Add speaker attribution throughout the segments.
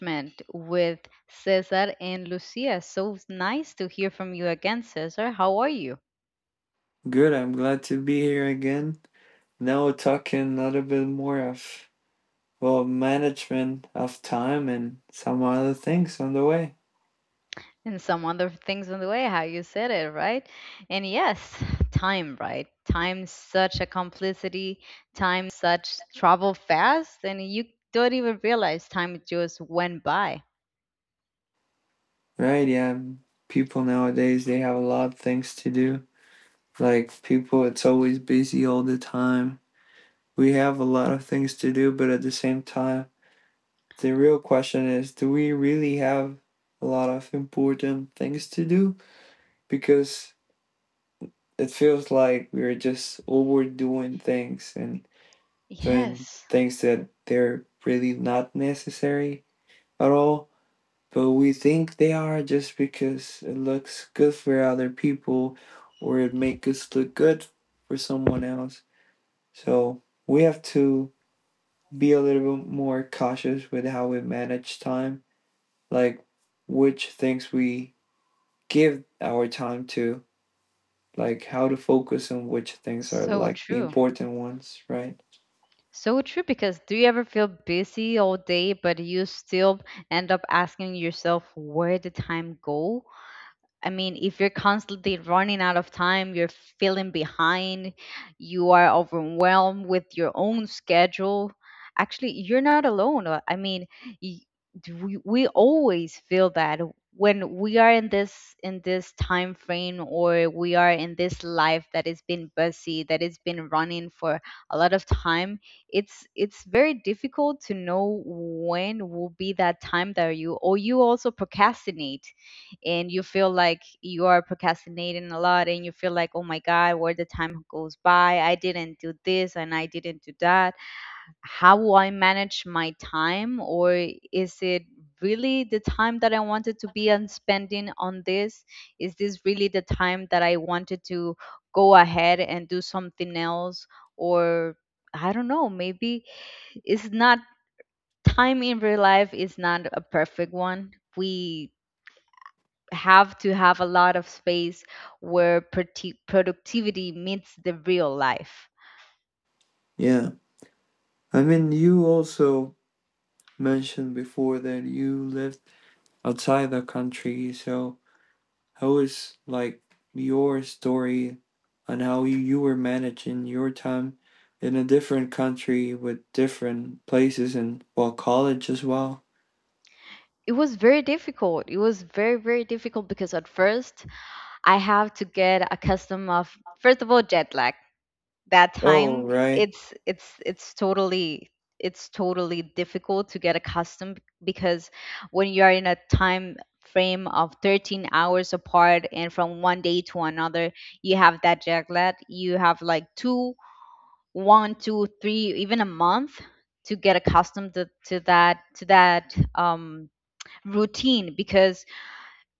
Speaker 1: Management with Cesar and Lucia. So nice to hear from you again, Cesar. How are you?
Speaker 2: Good. I'm glad to be here again. Now we're talking a little bit more of, well, management of time and some other things on the way.
Speaker 1: And some other things on the way, how you said it, right? And yes, time, right? Time, such a complicity, time, such travel fast, and you don't even realize time just went by.
Speaker 2: Right? Yeah. People nowadays they have a lot of things to do. Like people, it's always busy all the time. We have a lot of things to do, but at the same time, the real question is, do we really have a lot of important things to do? Because it feels like we're just overdoing things and certain
Speaker 1: Yes.
Speaker 2: things that they're really not necessary at all, but we think they are just because it looks good for other people or it makes us look good for someone else. So we have to be a little bit more cautious with how we manage time, like which things we give our time to, like how to focus on which things are
Speaker 1: So
Speaker 2: like the
Speaker 1: true.
Speaker 2: important ones, right?
Speaker 1: So true, because do you ever feel busy all day but you still end up asking yourself where the time go? I mean, if you're constantly running out of time, you're feeling behind, you are overwhelmed with your own schedule, actually, you're not alone. I mean, y- do we always feel that when we are in this time frame, or we are in this life that has been busy, that has been running for a lot of time. It's very difficult to know when will be that time that you, or you also procrastinate, and you feel like you are procrastinating a lot, and you feel like, oh my god, where the time goes by, I didn't do this and I didn't do that. How will I manage my time? Or is it really the time that I wanted to be on spending on this? Is this really the time that I wanted to go ahead and do something else? Or I don't know, maybe it's not. Time in real life is not a perfect one. We have to have a lot of space where productivity meets the real life.
Speaker 2: Yeah. I mean, you also mentioned before that you lived outside the country. So how was like your story on how you were managing your time in a different country with different places and, well, college as well?
Speaker 1: It was very difficult. It was very, very difficult because at first I have to get accustomed of, first of all, jet lag. That
Speaker 2: Oh
Speaker 1: time
Speaker 2: right.
Speaker 1: it's it's it's totally it's totally difficult to get accustomed, because when you are in a time frame of 13 hours apart, and from one day to another you have that jet lag, you have like two, one, two, three, even a month to get accustomed to that routine. Because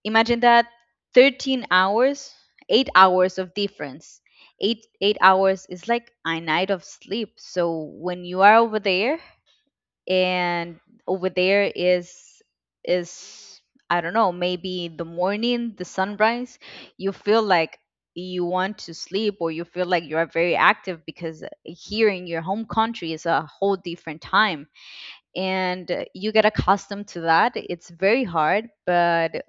Speaker 1: imagine that, 13 hours, 8 hours of difference. 8 hours is like a night of sleep. So when you are over there, and over there is I don't know, maybe the morning, the sunrise, you feel like you want to sleep, or you feel like you are very active because here in your home country is a whole different time, and you get accustomed to that. It's very hard, but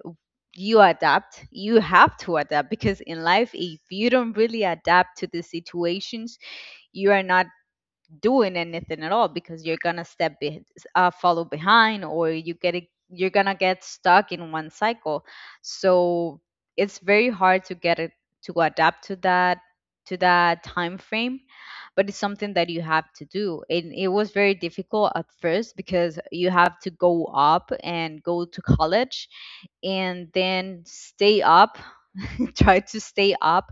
Speaker 1: you adapt. You have to adapt, because in life if you don't really adapt to the situations, you are not doing anything at all, because you're gonna follow behind, or you get it, you're gonna get stuck in one cycle. So it's very hard to get it to adapt to that time frame, but it's something that you have to do. And it was very difficult at first, because you have to go up and go to college and then stay up, try to stay up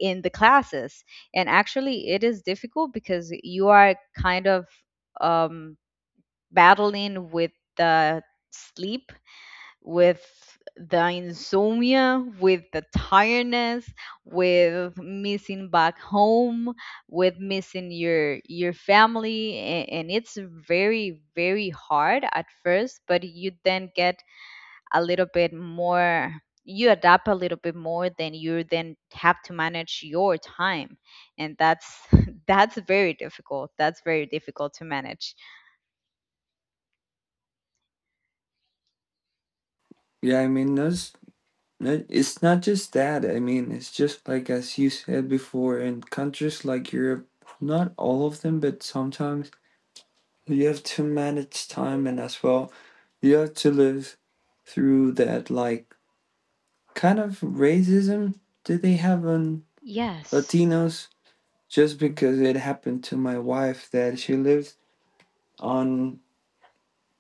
Speaker 1: in the classes. And actually it is difficult, because you are kind of um, battling with the sleep, with the insomnia, with the tiredness, with missing back home, with missing your family, and it's very, very hard at first. But you then get a little bit more, you adapt a little bit more, than you then have to manage your time, and that's that's very difficult, that's very difficult to manage.
Speaker 2: Yeah, I mean it's not just that. I mean, it's just like as you said before, in countries like Europe, not all of them, but sometimes you have to manage time and as well you have to live through that, like, kind of racism that they have on
Speaker 1: Yes.
Speaker 2: Latinos just because it happened to my wife that she lives on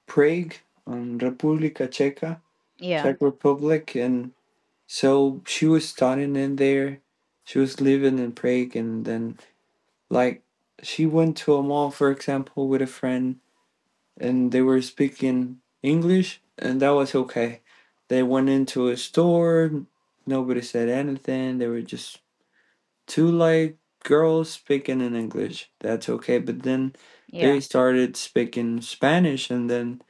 Speaker 2: Prague, on Republika Czeka,
Speaker 1: Yeah,
Speaker 2: Czech Republic, and so she was studying in there. She was living in Prague and then like she went to a mall for example with a friend and they were speaking English, and that was okay. They went into a store, nobody said anything. They were just two, like, girls speaking in English. That's okay. But then they
Speaker 1: yeah.
Speaker 2: started speaking Spanish, and then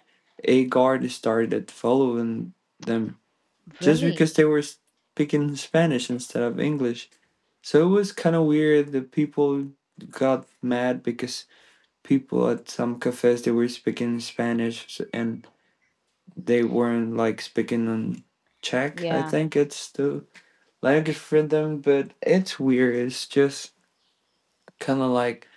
Speaker 2: a guard started following them just
Speaker 1: Really?
Speaker 2: because they were speaking Spanish instead of English. So it was kind of weird. The people got mad because people at some cafes they were speaking Spanish and they weren't like speaking in Czech. I
Speaker 1: Yeah.
Speaker 2: think it's the language for them, but it's weird. It's just kind of like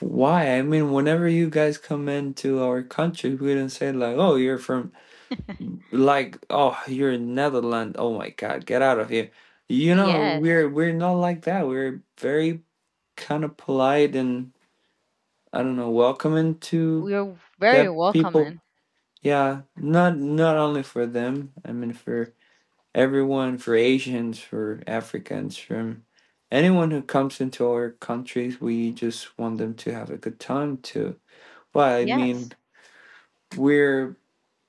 Speaker 2: why? I mean, whenever you guys come into our country, we don't say like, "Oh, you're from," like, "Oh, you're in Netherlands." Oh my God, get out of here! You know,
Speaker 1: Yes,
Speaker 2: we're not like that. We're very kind of polite and, I don't know, welcoming to
Speaker 1: we're very
Speaker 2: that people.
Speaker 1: welcoming.
Speaker 2: Yeah, not only for them. I mean, for everyone, for Asians, for Africans, from anyone who comes into our countries, we just want them to have a good time too. But I mean,
Speaker 1: Yes,
Speaker 2: we're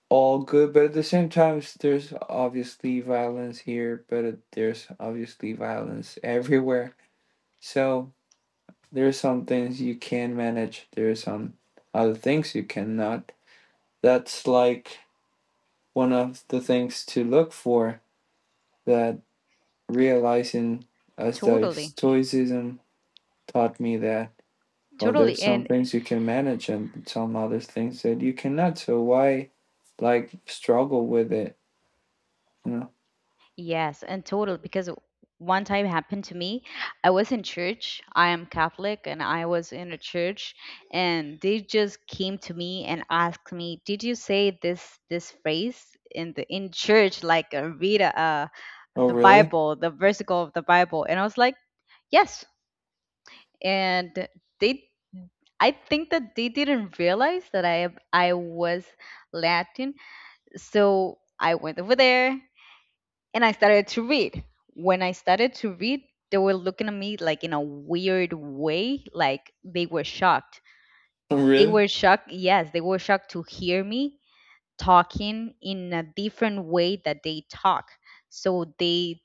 Speaker 2: all good, but at the same time, there's obviously violence here, but there's obviously violence everywhere. So there's some things you can manage, there's some other things you cannot. That's like one of the things to look for, that realizing, as that
Speaker 1: totally,
Speaker 2: stoicism taught me, that, well,
Speaker 1: totally.
Speaker 2: there's some
Speaker 1: And
Speaker 2: things you can manage and some other things that you cannot, so why like struggle with it, you know?
Speaker 1: yes, and total, because one time happened to me. I was in church. I am Catholic, and I was in a church, and they just came to me and asked me, "Did you say this phrase in the in church, like, read
Speaker 2: Oh
Speaker 1: the
Speaker 2: really.
Speaker 1: Bible, the versicle of the Bible?" And I was like, "Yes." And they I think that they didn't realize that I was Latin. So I went over there and I started to read. When I started to read, they were looking at me like in a weird way, like they were shocked.
Speaker 2: Oh
Speaker 1: They
Speaker 2: really.
Speaker 1: were shocked, yes, they were shocked to hear me talking in a different way that they talk. So they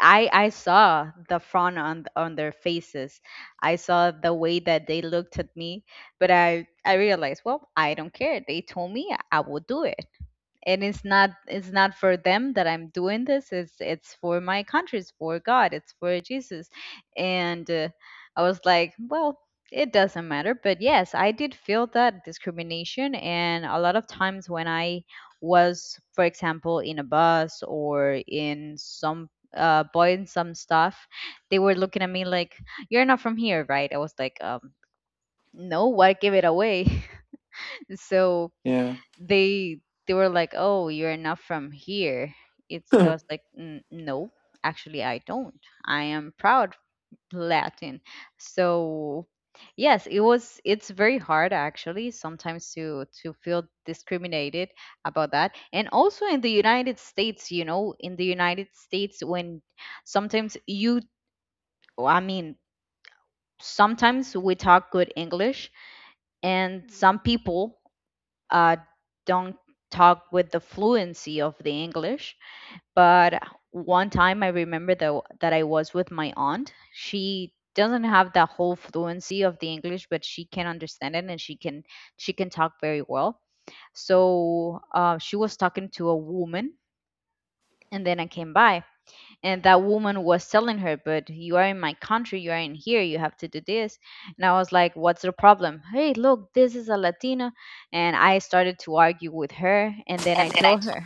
Speaker 1: I saw the frown on their faces. I saw the way that they looked at me, but I realized, well, I don't care. They told me I will do it, and it's not for them that I'm doing this, it's for my country, it's for God, it's for Jesus. And I was like, well, it doesn't matter. But yes, I did feel that discrimination. And a lot of times when I was, for example, in a bus, or in some buying some stuff, they were looking at me like, you're not from here, right? I was like, no, why give it away? So
Speaker 2: Yeah.
Speaker 1: they they were like, "Oh, you're not from here." It's I was like, "No, actually, I don't. I am proud Latin." So yes, it was. It's very hard actually sometimes to feel discriminated about that. And also in the United States, in the United States, when sometimes you, I mean, sometimes we talk good English, and some people uh, don't talk with the fluency of the English. But one time I remember that I was with my aunt. She doesn't have the whole fluency of the English, but she can understand it, and she can talk very well. So she was talking to a woman, and then I came by, and that woman was telling her, but you are in my country, you are in here, you have to do this. And I was like, what's the problem? Hey, look, this is a Latina. And I started to argue with her, and then I told her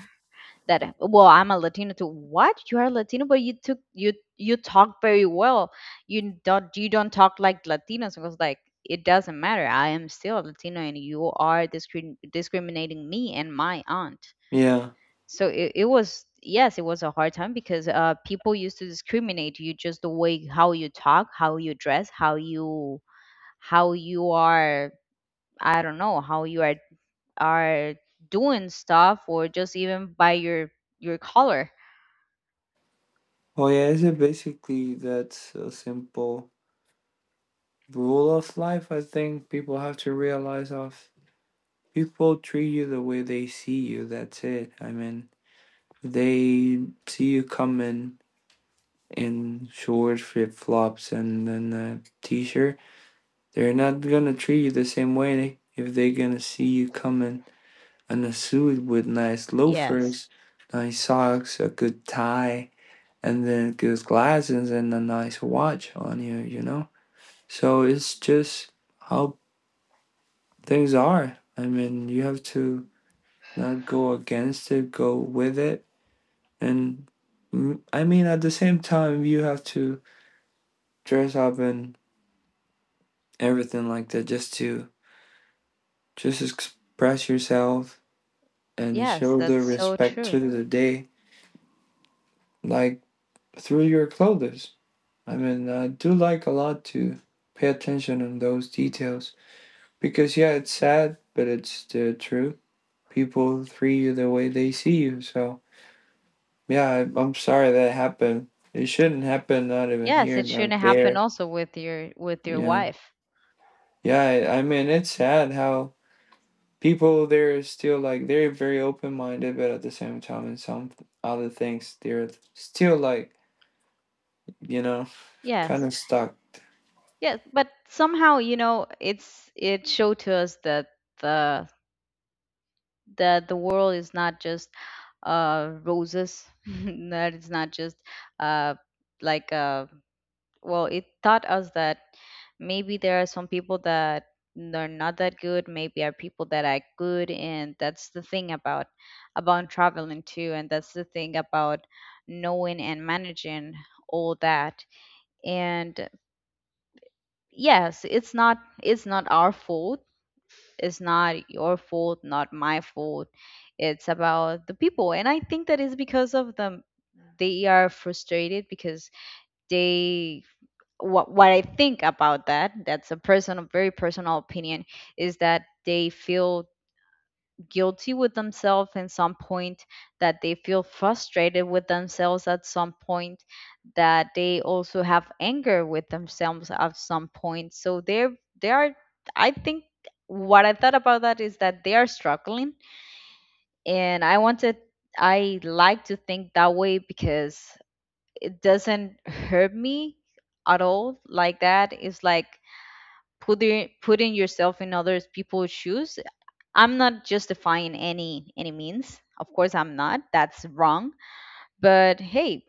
Speaker 1: that, well, I'm a Latina too. What, you are Latino? But you took, you talk very well, you don't talk like Latinos. I was like, it doesn't matter, I am still a Latino, and you are discriminating me and my aunt.
Speaker 2: Yeah,
Speaker 1: So it was, yes, it was a hard time, because people used to discriminate you just the way how you talk, how you dress, how you are, I don't know, how you are doing stuff, or just even by your color.
Speaker 2: well yeah, is it basically that's a simple rule of life, I think. People have to realize of, people treat you the way they see you. That's it. I mean, they see you coming in shorts, flip flops, and then a t shirt, they're not gonna treat you the same way if they're gonna see you coming in a suit with nice
Speaker 1: Yes,
Speaker 2: loafers, nice socks, a good tie, and then good glasses and a nice watch on you, you know? So it's just how things are. I mean, you have to not go against it, go with it. And I mean, at the same time, you have to dress up and everything like that just to just express yourself and
Speaker 1: yes,
Speaker 2: show the
Speaker 1: that's so
Speaker 2: respect
Speaker 1: true.
Speaker 2: to the day, like, through your clothes. I mean, I do like a lot to pay attention on those details, because yeah, it's sad but it's the truth. People treat you the way they see you, so yeah. I'm sorry that happened. It shouldn't happen, not even
Speaker 1: Yes,
Speaker 2: here,
Speaker 1: it
Speaker 2: not
Speaker 1: shouldn't happen,
Speaker 2: there.
Speaker 1: also with your
Speaker 2: Yeah,
Speaker 1: wife.
Speaker 2: yeah. I mean it's sad how people, they're still like, they're very open minded, but at the same time, in some other things, they're still like, you know, kind
Speaker 1: Yes,
Speaker 2: of stuck.
Speaker 1: yes, but somehow, it showed to us that the the world is not just roses, that it's not just uh, like, well, it taught us that maybe there are some people that are not that good, maybe are people that are good. And that's the thing about traveling too, and that's the thing about knowing and managing all that. And yes, it's not our fault, it's not your fault, not my fault. It's about the people. And I think that is because of them. They are frustrated, because they, what I think about that, that's a personal, very personal opinion, is that they feel guilty with themselves in some point, that they feel frustrated with themselves at some point, that they also have anger with themselves at some point. So they are, I think what I thought about that is that they are struggling. And I like to think that way because it doesn't hurt me at all like that. It's like putting yourself in other people's shoes. I'm not justifying, any means. Of course I'm not. That's wrong. But hey,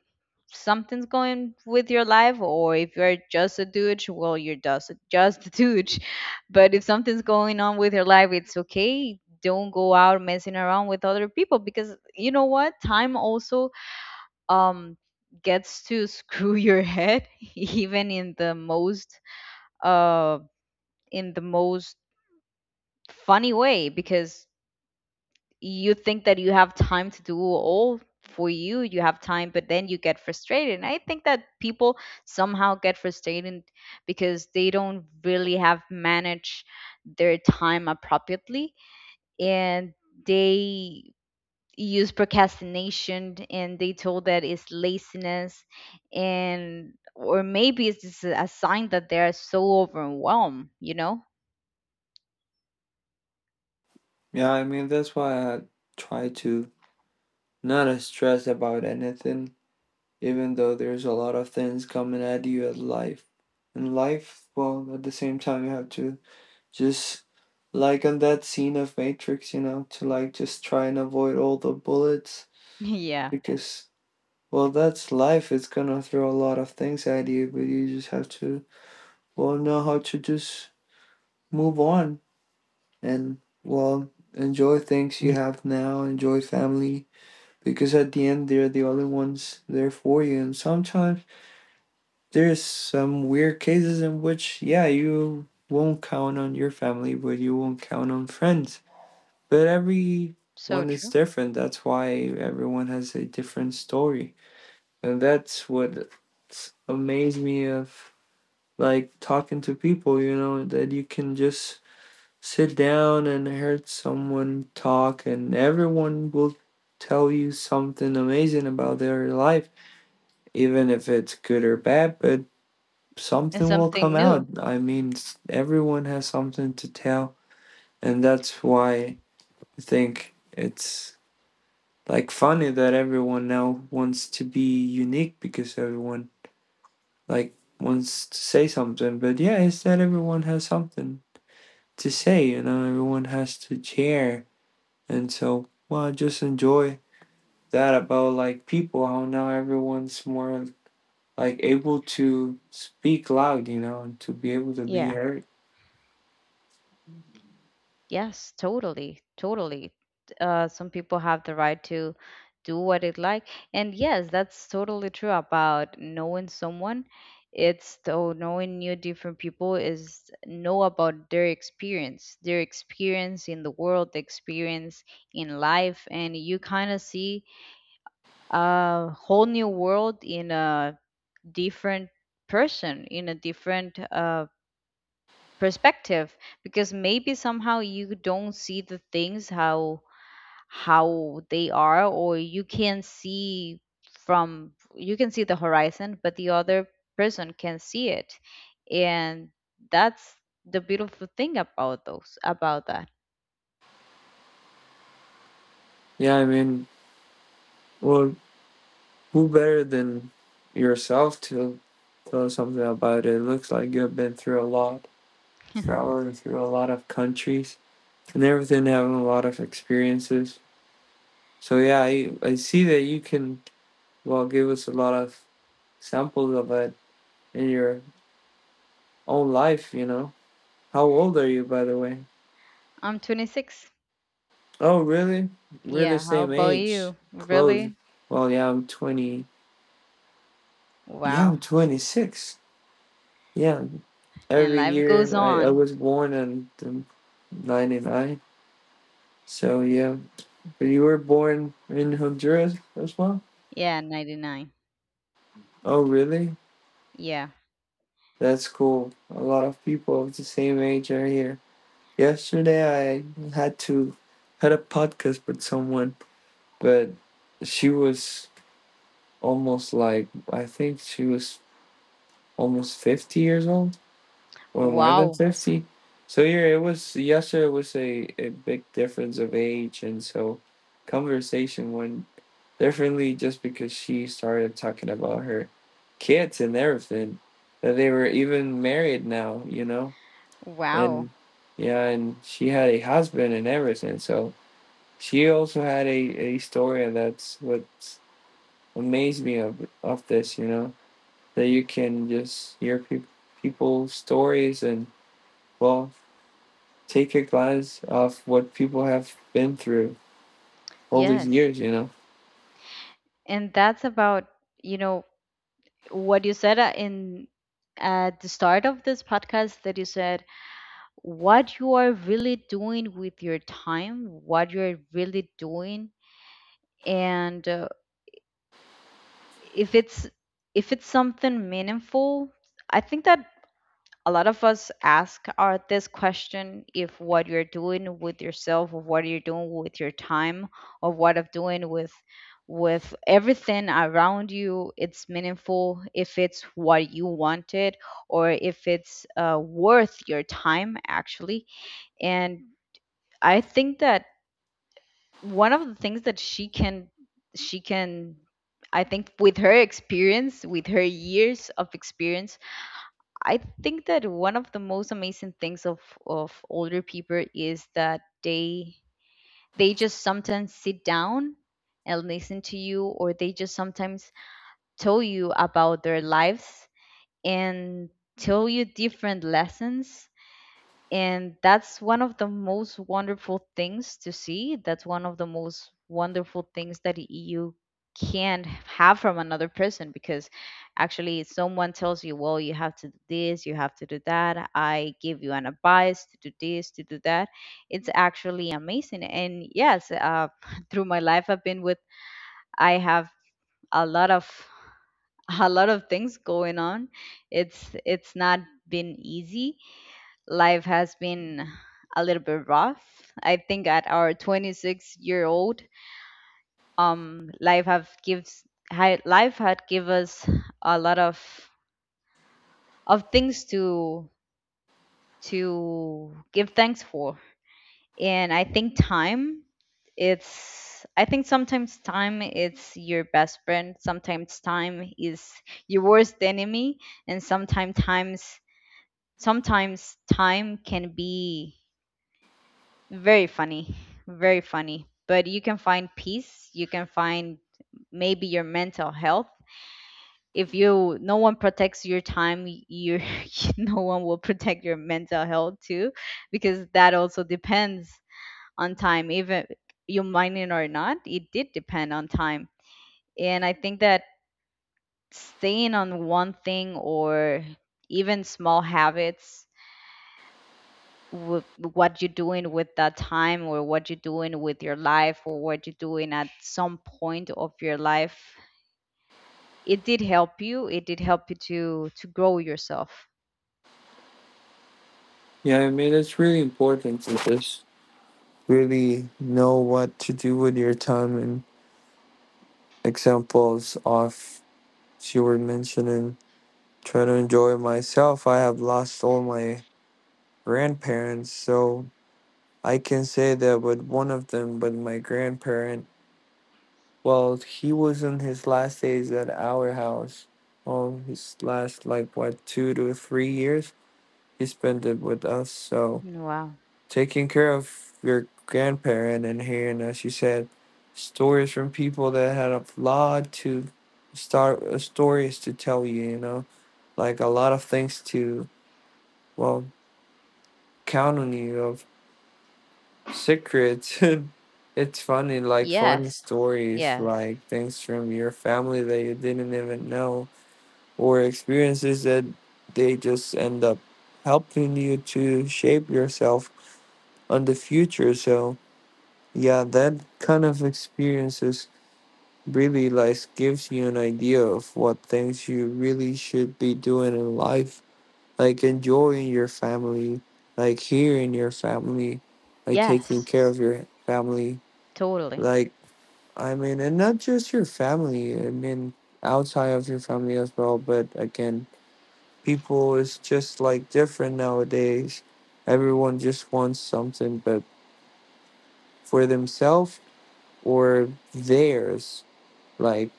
Speaker 1: something's going with your life, or if you're just a douche, well, you're just a douche. But if something's going on with your life, it's okay. Don't go out messing around with other people, because you know what? Time also um gets to screw your head, even uh in the most funny way, because you think that you have time to do all for you, you have time. But then you get frustrated, and I think that people somehow get frustrated because they don't really have managed their time appropriately, and they use procrastination, and they told that it's laziness. And or maybe it's just a sign that they are so overwhelmed.
Speaker 2: Yeah, I mean that's why I try to not stress about anything, even though there's a lot of things coming at you at life. In life, well, at the same time, you have to just like on that scene of Matrix, you know, to like just try and avoid all the bullets
Speaker 1: Yeah.
Speaker 2: because, well, that's life. It's gonna throw a lot of things at you, but you just have to, well, know how to just move on and, well, enjoy things you have now, enjoy family, because at the end, they're the only ones there for you. And sometimes there's some weird cases in which, yeah, you won't count on your family, but you won't count on friends. But
Speaker 1: So
Speaker 2: everyone is
Speaker 1: true.
Speaker 2: different. That's why everyone has a different story. And that's what amazed me of like talking to people, you know, that you can just sit down and hear someone talk and everyone will tell you something amazing about their life, even if it's good or bad, but
Speaker 1: And
Speaker 2: something will
Speaker 1: something
Speaker 2: come out.
Speaker 1: new.
Speaker 2: I mean, everyone has something to tell, and that's why I think it's like funny that everyone now wants to be unique because everyone like wants to say something, but yeah, it's that everyone has something to say, you know, everyone has to share. And so, well, I just enjoy that about like people, how now everyone's more like able to speak loud, you know, and to be able to be
Speaker 1: Yeah.
Speaker 2: heard.
Speaker 1: Yes, totally, totally. Some people have the right to do what they like, and yes, that's totally true about knowing someone. It's so knowing new different people is know about their experience in the world, the experience in life, and you kind of see a whole new world in a different person, in a different perspective because maybe somehow you don't see the things how they are or you can see from you can see the horizon but the other person can see it. And that's the beautiful thing about those about that
Speaker 2: Yeah, I mean, well, who better than yourself to tell something about it? It looks like you've been through a lot, traveling through a lot of countries and everything, having a lot of experiences. So yeah, I see that you can, well, give us a lot of samples of it in your own life. How old are you by the way?
Speaker 1: I'm 26.
Speaker 2: Oh really? We're the
Speaker 1: Yeah, how
Speaker 2: same
Speaker 1: about
Speaker 2: age.
Speaker 1: you?
Speaker 2: Close.
Speaker 1: Really?
Speaker 2: Well yeah, I'm twenty yeah, I'm
Speaker 1: Wow,
Speaker 2: 26. Yeah.
Speaker 1: and
Speaker 2: Every
Speaker 1: life goes
Speaker 2: year I
Speaker 1: on.
Speaker 2: was born in ninety nine. So yeah. But you were born in Honduras as well?
Speaker 1: Yeah, 99.
Speaker 2: Oh really?
Speaker 1: Yeah,
Speaker 2: That's cool. A lot of people of the same age are here. Yesterday I had a podcast with someone, but she was almost like I think she was almost 50 years old or more than
Speaker 1: wow,
Speaker 2: 50. So yeah, it was, yesterday was a big difference of age and so conversation went differently just because she started talking about her kids and everything. That they were even married now, you know? And
Speaker 1: wow,
Speaker 2: yeah, and she had a husband and everything, so she also had a story. And that's what amazed me of this, you know, that you can just hear people's stories and, well, take a glance of what people have been through all these
Speaker 1: yes.
Speaker 2: years.
Speaker 1: And that's about, you know what you said in at the start of this podcast, that you said what you are really doing with your time, what you're really doing, and if it's something meaningful. I think that a lot of us ask our, this question if what you're doing with yourself or what you're doing with your time or what I'm doing with everything around you, it's meaningful if it's what you wanted or if it's worth your time actually. And I think that one of the things that she can I think with her experience, with her years of experience, I think that one of the most amazing things of older people is that they just sometimes sit down and listen to you, or they just sometimes tell you about their lives and tell you different lessons. And that's one of the most wonderful things to see, that's one of the most wonderful things that you can have from another person, because actually someone tells you, well, you have to do this, you have to do that, I give you an advice to do this, to do that. It's actually amazing. And yes, through my life I've been with I have a lot of a lot of things going on. It's not been easy. Life has been a little bit rough. I think at our 26-year-old, life have gives life had give us a lot of things to give thanks for, and I think time it's I think sometimes time it's your best friend. Sometimes time is your worst enemy, and sometimes times sometimes time can be very funny, very funny. But you can find peace, you can find maybe your mental health. If you no one protects your time, you no one will protect your mental health too, because that also depends on time. Even you mind it or not, it did depend on time. And I think that staying on one thing or even small habits with what you're doing with that time or what you're doing with your life or what you're doing at some point of your life, it did help you, it did help you to grow yourself.
Speaker 2: Yeah, I mean it's really important to just really know what to do with your time and examples of she were mentioning trying to enjoy myself. I have lost all my grandparents, so I can say that with one of them, but my grandparent, well, he was in his last days at our house. All his last, like, what, 2 to 3 years, he spent it with us. So,
Speaker 1: Wow.
Speaker 2: taking care of your grandparent and hearing, as you said, stories from people that had a lot to start, stories to tell you, you know, like a lot of things to, well, count on you of secrets. It's funny, like funny
Speaker 1: Yes,
Speaker 2: stories,
Speaker 1: yes,
Speaker 2: like things from your family that you didn't even know, or experiences that they just end up helping you to shape yourself on the future. So yeah, that kind of experiences really like gives you an idea of what things you really should be doing in life. Like enjoying your family, like hearing your family, like taking
Speaker 1: yes,
Speaker 2: care of your family,
Speaker 1: totally,
Speaker 2: like I mean, and not just your family. I mean, outside of your family as well. But again, people is just like different nowadays. Everyone just wants something, but for themselves or theirs. Like,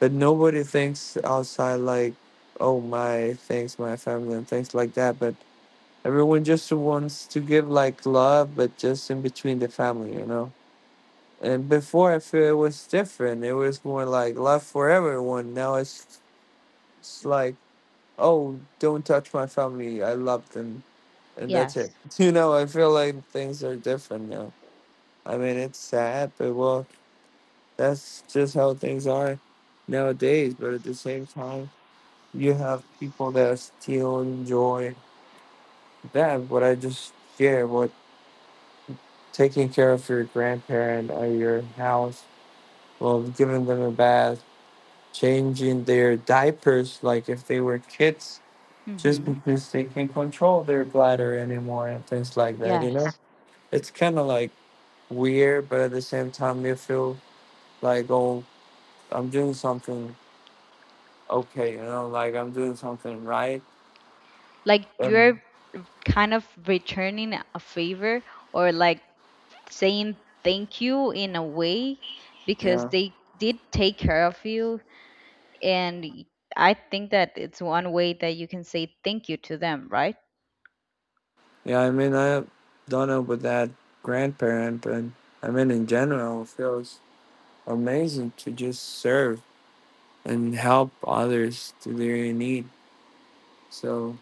Speaker 2: but nobody thinks outside like, oh my, thanks my family and things like that. But everyone just wants to give like love, but just in between the family. And before, I feel it was different. It was more like love for everyone. Now it's like, oh, don't touch my family. I love them, and that's
Speaker 1: yes.
Speaker 2: it. You know, I feel like things are different now. I mean, it's sad, but well, that's just how things are nowadays. But at the same time, you have people that still enjoy that. But I just shared, what, taking care of your grandparent or your house, well, giving them a bath, changing their diapers like if they were kids just
Speaker 1: Mhm.
Speaker 2: because they can control their bladder anymore and things like that, you know.
Speaker 1: Yes,
Speaker 2: It's kind of like weird, but at the same time you feel like, oh, I'm doing something okay, you know, like I'm doing something right.
Speaker 1: like
Speaker 2: And
Speaker 1: you're kind of returning a favor or like saying thank you in a way because
Speaker 2: yeah,
Speaker 1: they did take care of you. And I think that it's one way that you can say thank you to them, right?
Speaker 2: yeah, I mean, I don't know about that grandparent, but I mean in general it feels amazing to just serve and help others to their need. So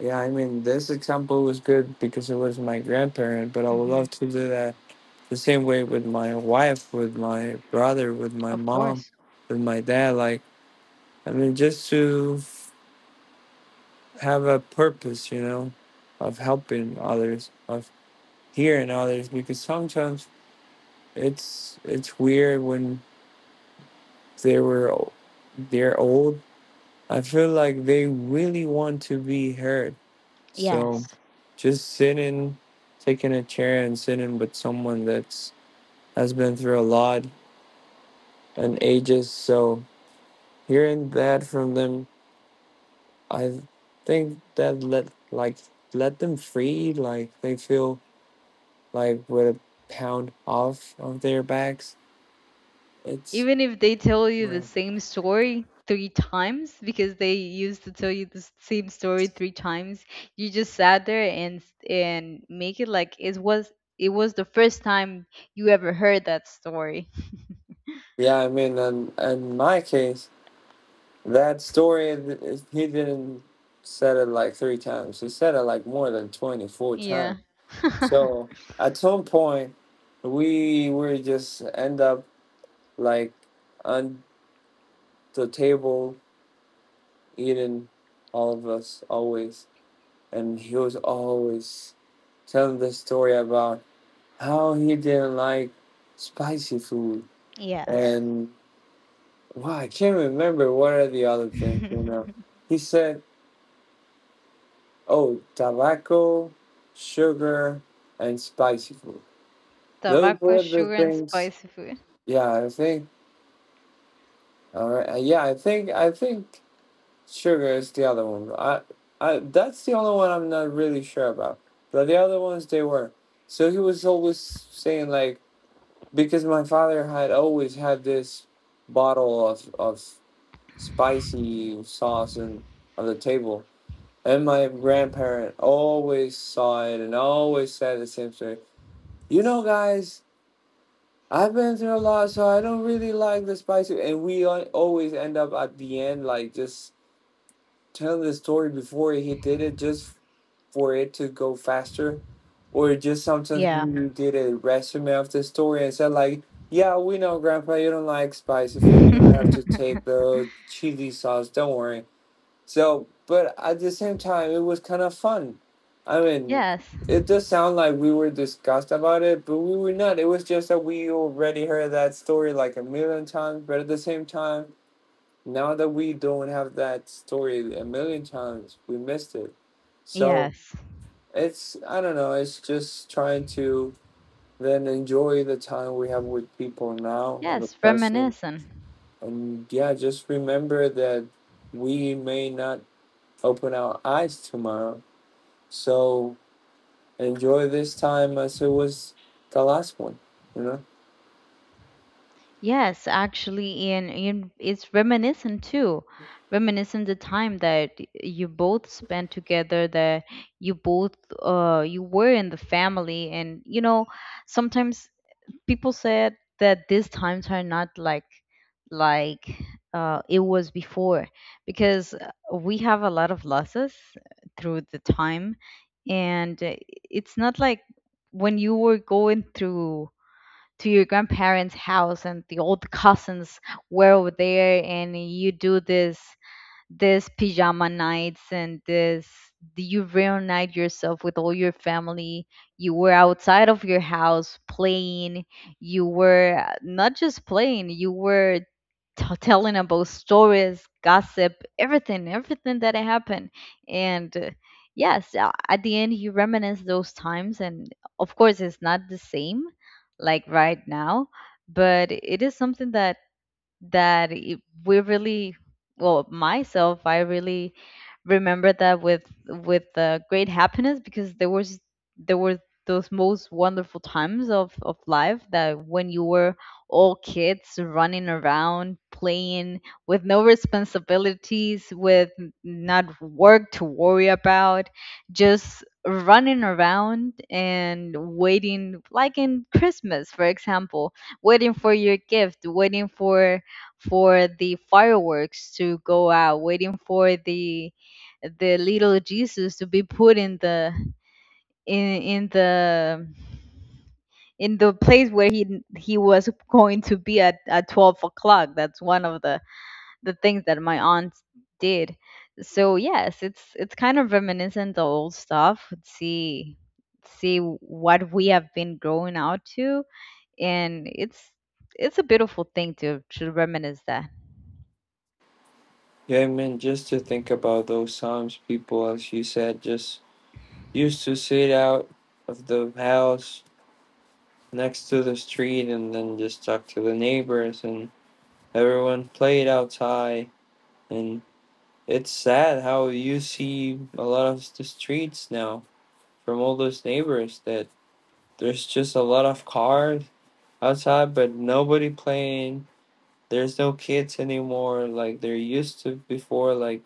Speaker 2: yeah, I mean, this example was good because it was my grandparent, but I would
Speaker 1: Mm-hmm.
Speaker 2: love to do that the same way with my wife, with my brother, with my
Speaker 1: Of
Speaker 2: mom,
Speaker 1: course.
Speaker 2: with my dad. Like, I mean, just to have a purpose, you know, of helping others, of hearing others, because sometimes it's weird when they were o- they're old. I feel like they really want to be heard. So
Speaker 1: Yes,
Speaker 2: just sitting, taking a chair and sitting with someone that's has been through a lot and ages. So hearing that from them, I think that let them free, like they feel like with a pound off of their backs. It's
Speaker 1: even if they tell you the same story three times, because they used to tell you the same story three times, you just sat there and and make it like it was the first time you ever heard that story.
Speaker 2: yeah, I mean, in my case, that story he didn't said it like three times. He said it like more than 24
Speaker 1: Yeah,
Speaker 2: times. So at some point, we would just end up like on the table eating, all of us always. And he was always telling the story about how he didn't like spicy food
Speaker 1: yes.
Speaker 2: and wow, I can't remember what are the other things, you know. He said, "Oh, tobacco, sugar, and spicy food. Those
Speaker 1: Tobacco,
Speaker 2: were the
Speaker 1: sugar and
Speaker 2: things."
Speaker 1: spicy food.
Speaker 2: Yeah, I think. All right. Yeah, I think sugar is the other one. I That's the only one I'm not really sure about. But the other ones they were. So he was always saying like, because my father had always had this bottle of spicy sauce and on the table. And my grandparent always saw it and always said the same story. You know, guys, I've been through a lot, so I don't really like the spicy. And we always end up at the end, like just telling the story before he did it just for it to go faster. Or just sometimes
Speaker 1: Yeah.
Speaker 2: when you did a resume of the story and said like, yeah, we know grandpa, you don't like spicy food, you don't have to take the chili sauce, don't worry. So but at the same time it was kind of fun. I mean
Speaker 1: Yes.
Speaker 2: it does sound like we were discussed about it, but we were not. It was just that we already heard that story like a million times, but at the same time now that we don't have that story a million times, we missed it. So
Speaker 1: Yes.
Speaker 2: it's, I don't know, it's just trying to then enjoy the time we have with people now and the
Speaker 1: Yes,
Speaker 2: present.
Speaker 1: reminiscent.
Speaker 2: And yeah, just remember that we may not open our eyes tomorrow. So enjoy this time as it was the last one, you know?
Speaker 1: Yes, actually, and it's reminiscent too. Reminiscent the time that you both spent together, that you both you were in the family, and you know, sometimes people said that these times are not like like it was before because we have a lot of losses through the time. And it's not like when you were going through to your grandparents house and the old cousins were over there and you do this this pajama nights and this you reunite yourself with all your family, you were outside of your house playing, you were not just playing, you were telling about stories, gossip, everything, everything that happened. And yes, at the end you reminisce those times, and of course it's not the same like right now, but it is something that that it, we really well myself I really remember that with great happiness because there was there were those most wonderful times of life, that when you were all kids running around playing with no responsibilities with not work to worry about, just running around and waiting like in Christmas, for example, waiting for your gift, waiting for the fireworks to go out, waiting for the little Jesus to be put in in the in the place where he was going to be at 12 o'clock. That's one of the things that my aunt did. So yes, it's kind of reminiscent of old stuff. See, see what we have been growing out to, and it's a beautiful thing to reminisce that.
Speaker 2: Yeah, I mean, just to think about those times. People, as you said, just used to sit out of the house next to the street and then just talk to the neighbors, and everyone played outside, and it's sad how you see a lot of the streets now from all those neighbors that there's just a lot of cars outside but nobody playing. There's no kids anymore like there used to before, like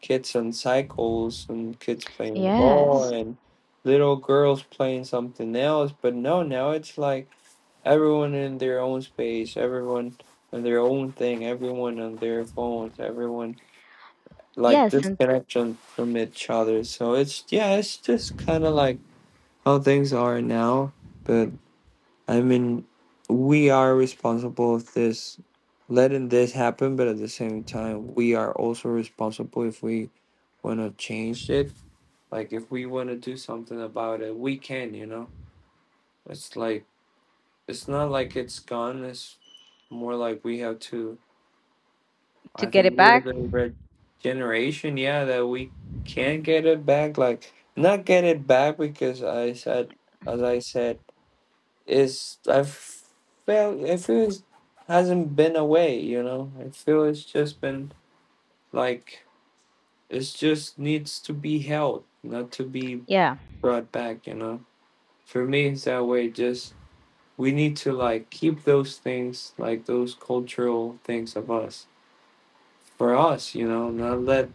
Speaker 2: kids on cycles and kids playing the ball
Speaker 1: Yes.
Speaker 2: and little girls playing something else. But no, now it's like everyone in their own space, everyone in their own thing, everyone on their phones, everyone like
Speaker 1: Yes, and
Speaker 2: disconnection from each other. So it's yeah, it's just kind of like how things are now. But I mean, we are responsible of this, letting this happen. But at the same time, we are also responsible if we want to change it. Like if we want to do something about it, we can. You know, it's like, it's not like it's gone. It's more like we have to.
Speaker 1: to
Speaker 2: I
Speaker 1: get it
Speaker 2: think we're
Speaker 1: back.
Speaker 2: the red generation. Yeah, that we can't get it back. Like not get it back because I said, as I said, is I feel it hasn't been away. You know, I feel it's just been like it just needs to be held, not to be
Speaker 1: Yeah.
Speaker 2: brought back. You know, for me it's that way. Just we need to like keep those things, like those cultural things of us for us, you know, not let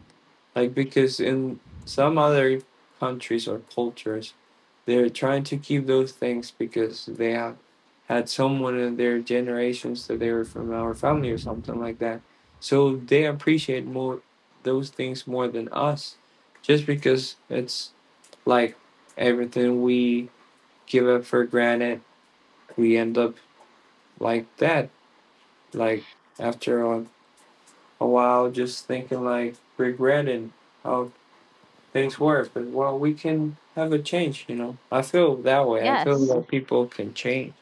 Speaker 2: like, because in some other countries or cultures they're trying to keep those things because they have had someone in their generations that they were from our family or something like that, so they appreciate more those things more than us just because it's like everything we give up for granted we end up like that, like after a while just thinking like regretting how things were. But well, we can have a change, you know. I feel that way. I feel
Speaker 1: Yes,
Speaker 2: that people can change.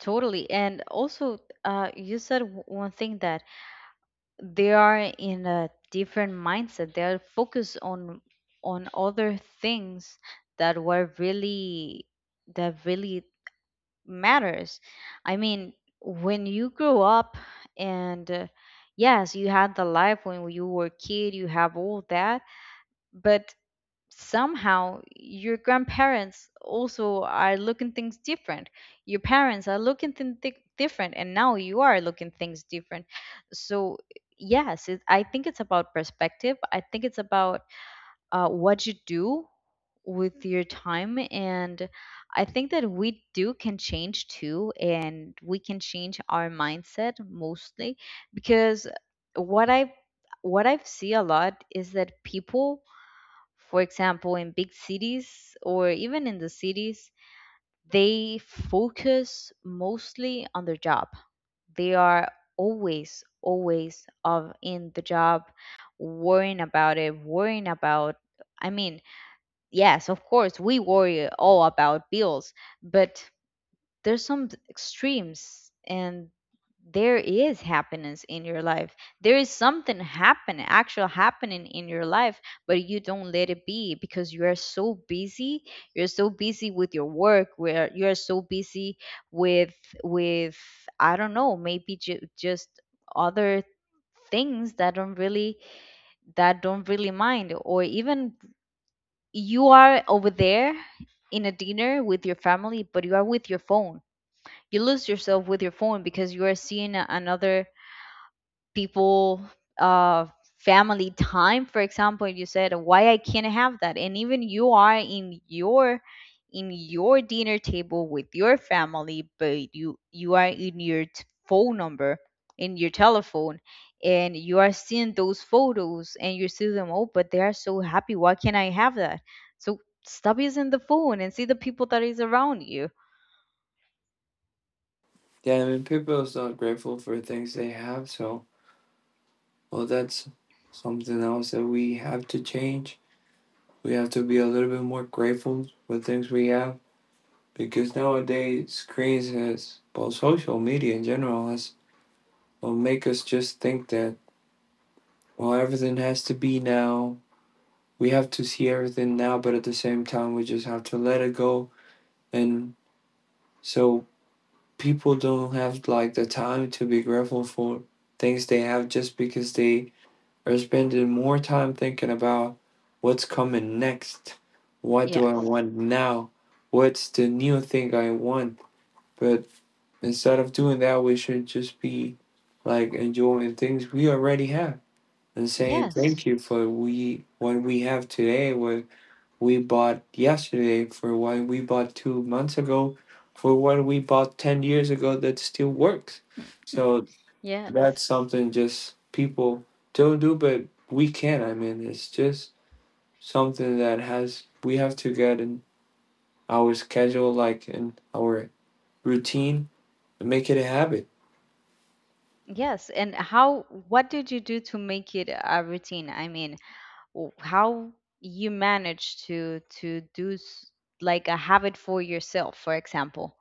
Speaker 1: totally. And also, you said one thing that they are in a different mindset. They are focused on other things that were really that really matters. I mean, when you grow up and yes, you had the life when you were a kid, you have all that, but somehow your grandparents also are looking things different, your parents are looking things different, and now you are looking things different. So yes, it, I think it's about perspective. I think it's about what you do with your time, and I think that we do can change too, and we can change our mindset mostly because what I see a lot is that people, for example, in big cities or even in the cities, they focus mostly on their job. They are always, always of in the job, worrying about it, worrying about, I mean, yes, of course, we worry all about bills, but there's some extremes. And there is happiness in your life, there is something happen actual happening in your life, but you don't let it be because you are so busy, you're so busy with your work, where you are so busy with with I don't know, maybe just other things that don't really mind. Or even you are over there in a dinner with your family, but you are with your phone, you lose yourself with your phone because you are seeing another people uh family time, for example, you said why I can't have that. And even you are in your dinner table with your family, but you are in your phone number in your telephone, and you are seeing those photos and you see them, oh, but they are so happy, why can't I have that? So stop using the phone and see the people that is around you.
Speaker 2: Yeah, I mean, people is not grateful for things they have, so well, that's something else that we have to change. We have to be a little bit more grateful for things we have, because nowadays screens has, well, social media in general has, will make us just think that, well, everything has to be now, we have to see everything now, but at the same time, we just have to let it go. And so people don't have like the time to be grateful for things they have just because they are spending more time thinking about what's coming next, what do I
Speaker 1: Yes.
Speaker 2: want now, what's the new thing I want. But instead of doing that, we should just be like enjoying things we already have and saying
Speaker 1: Yes.
Speaker 2: thank you for we what we have today, what we bought yesterday, for what we bought 2 months ago, for what we bought 10 years ago that still works. So that's
Speaker 1: Yes.
Speaker 2: something just people don't do, but we can. I mean, it's just something that has we have to get in our schedule, like in our routine, and make it a habit.
Speaker 1: Yes. And how, what did you do to make it a routine? I mean, how you managed to do like a habit for yourself, for example.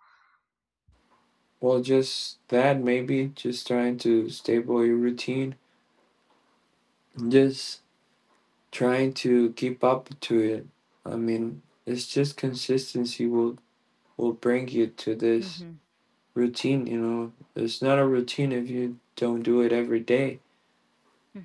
Speaker 2: Well, just that maybe just trying to stable your routine, just trying to keep up to it. I mean, it's just consistency will bring you to this
Speaker 1: Mm-hmm.
Speaker 2: routine, you know. It's not a routine if you don't do it every day.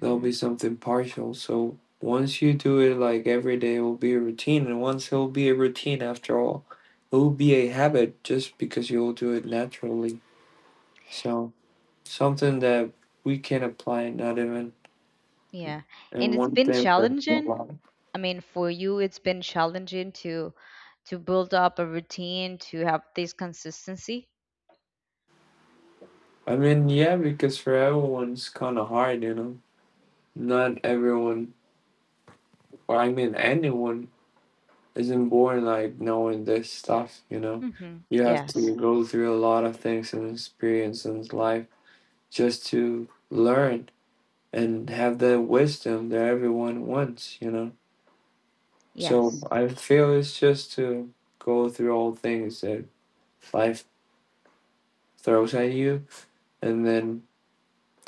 Speaker 2: There'll be something partial. So once you do it like every day it will be a routine, and once it'll be a routine after all, it will be a habit just because you'll do it naturally. So something that we can apply not even
Speaker 1: Yeah. And
Speaker 2: in
Speaker 1: it's
Speaker 2: one
Speaker 1: been
Speaker 2: thing but a
Speaker 1: challenging.
Speaker 2: lot.
Speaker 1: I mean, for you, it's been challenging to build up a routine, to have this consistency.
Speaker 2: I mean, yeah, because for everyone it's kind of hard, you know. Not everyone, or I mean, anyone isn't born like knowing this stuff, you know.
Speaker 1: Mm-hmm.
Speaker 2: You have
Speaker 1: Yes.
Speaker 2: to go through a lot of things and experience in life just to learn and have the wisdom that everyone wants, you know. So
Speaker 1: Yes.
Speaker 2: I feel it's just to go through all things that life throws at you, and then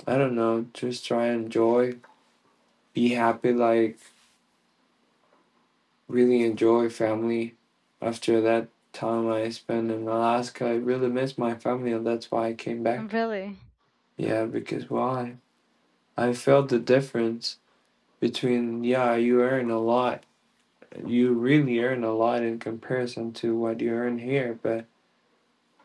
Speaker 2: I don't know, just try and enjoy, be happy, like really enjoy family after that time I spent in Alaska. I really missed my family, and that's why I came back.
Speaker 1: Really?
Speaker 2: Yeah, because why? I felt the difference between, yeah, you earn a lot. You really earn a lot in comparison to what you earn here, but,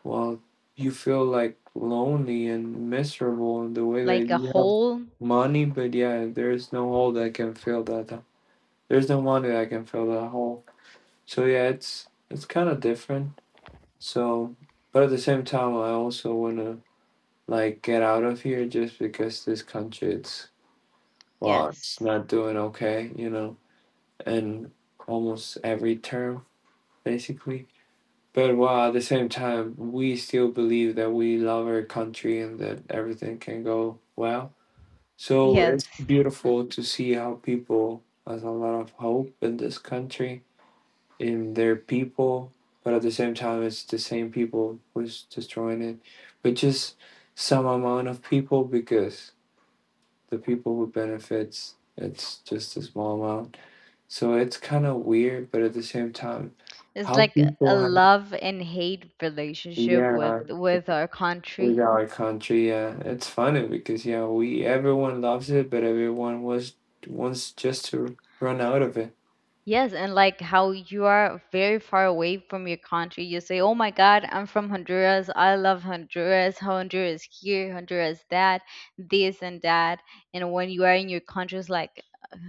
Speaker 2: well, you feel like lonely and miserable in the way that
Speaker 1: Like a
Speaker 2: you have
Speaker 1: whole.
Speaker 2: money, but yeah, there's no hole that can fill that. There's no money that can fill that hole. So yeah, it's kind of different. So, but at the same time, I also wanna like get out of here just because this country it's, well, it's
Speaker 1: Yes.
Speaker 2: not doing okay, you know, and almost every term basically. But while at the same time, we still believe that we love our country and that everything can go well. So
Speaker 1: Yes.
Speaker 2: it's beautiful to see how people has a lot of hope in this country in their people, but at the same time, it's the same people who's destroying it, but just some amount of people, because the people who benefits it's just a small amount. So it's kind of weird, but at the same time,
Speaker 1: It's
Speaker 2: how
Speaker 1: like a
Speaker 2: people have,
Speaker 1: love and hate relationship with
Speaker 2: yeah,
Speaker 1: our
Speaker 2: with
Speaker 1: country.
Speaker 2: our country, yeah, it's funny because yeah, we everyone loves it, but everyone was wants just to run out of it.
Speaker 1: Yes, and like how you are very far away from your country. You say, "Oh my God, I'm from Honduras. I love Honduras. Honduras here, Honduras that, this and that." And when you are in your country, it's like, "Ugh,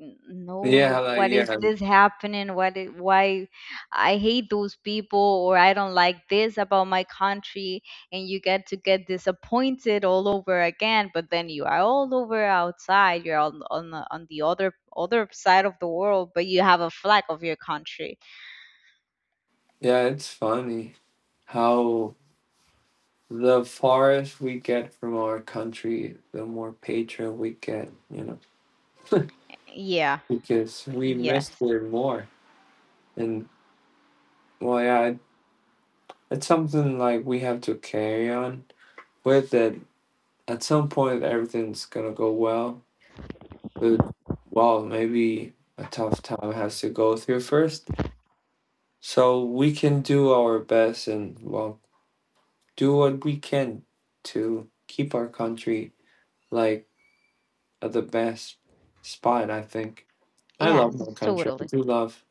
Speaker 1: "N-
Speaker 2: Yeah,
Speaker 1: no,
Speaker 2: like
Speaker 1: what is
Speaker 2: yeah,
Speaker 1: this happening? What? Why? I hate those people, or I don't like this about my country." And you get to get disappointed all over again. But then you are all over outside, you're on the, on the other side of the world, but you have a flag of your country.
Speaker 2: yeah, it's funny how the farthest we get from our country, the more patriot we get, you know,
Speaker 1: Yeah.
Speaker 2: because we missed
Speaker 1: Yes,
Speaker 2: it more. And well, yeah, it's something like we have to carry on with it. At some point, everything's gonna go well, but well, maybe a tough time has to go through first. So we can do our best and well, do what we can to keep our country like at the best spot, I think. I love my
Speaker 1: yes,
Speaker 2: country. I
Speaker 1: totally.
Speaker 2: do love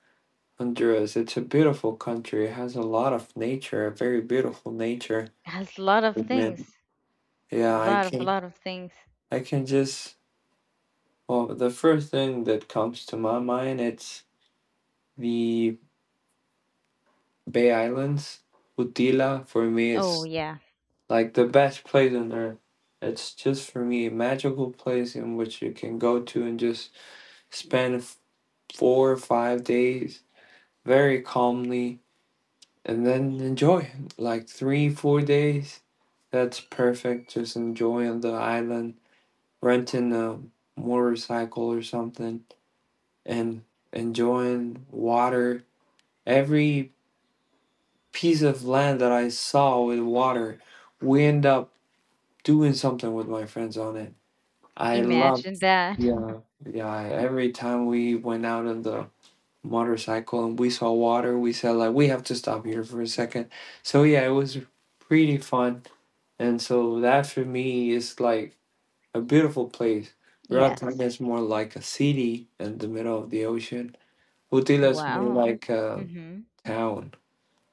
Speaker 2: Honduras. It's a beautiful country. It has a lot of nature, a very beautiful nature.
Speaker 1: Has a lot of things,
Speaker 2: Man, yeah, I
Speaker 1: a
Speaker 2: can
Speaker 1: lot of things.
Speaker 2: I can just well, the first thing that comes to my mind it's the Bay Islands. Utila for me
Speaker 1: Oh
Speaker 2: it's
Speaker 1: yeah,
Speaker 2: like the best place on earth. It's just for me a magical place in which you can go to and just spend 4 or 5 days very calmly and then enjoy like 3 4 days, that's perfect. Just enjoy on the island, renting a motorcycle or something, and enjoying water. Every piece of land that I saw with water, we end up doing something with my friends on it. I love,
Speaker 1: imagine that.
Speaker 2: yeah, yeah, every time we went out on the motorcycle and we saw water, we said like we have to stop here for a second. So yeah, it was pretty fun. And so that for me is like a beautiful place. Roatan
Speaker 1: Yes.
Speaker 2: is more like a city in the middle of the ocean. Utila is more
Speaker 1: Wow.
Speaker 2: like a
Speaker 1: Mhm.
Speaker 2: town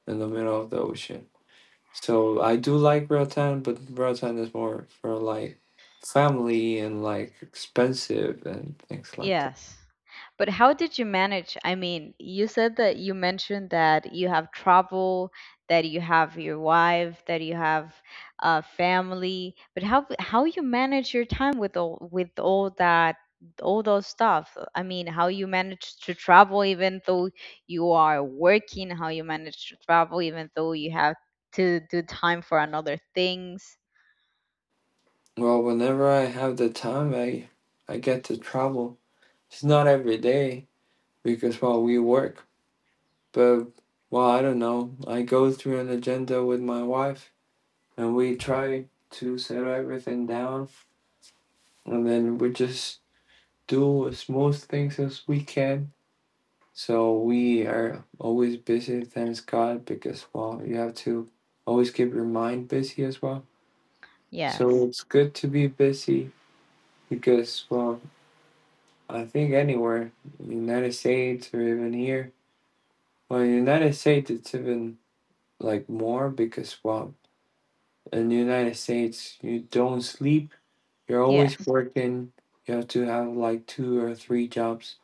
Speaker 2: in the middle of the ocean. So I do like Roatan, but Roatan is more for like family and like expensive and things like that.
Speaker 1: Yes. But how did you manage? I mean, you said that you mentioned that you have travel, that you have your wife, that you have family. But how you manage your time with all that all those stuff? I mean, how you manage to travel even though you are working? How you manage to travel even though you have to do time for another things?
Speaker 2: Well, whenever I have the time, I get to travel. It's not every day because well, we work. But well, I don't know. I go through an agenda with my wife, and we try to settle everything down, and then we just do as smooth things as we can. So we are always busy, thanks God, because well, you have to always keep your mind busy as well. So
Speaker 1: Yes,
Speaker 2: it's good to be busy because well, I think anywhere, United States or even here, well, United States it's even like more because well, in the United States, you don't sleep. You're always
Speaker 1: yes,
Speaker 2: working. You have to have like two or three jobs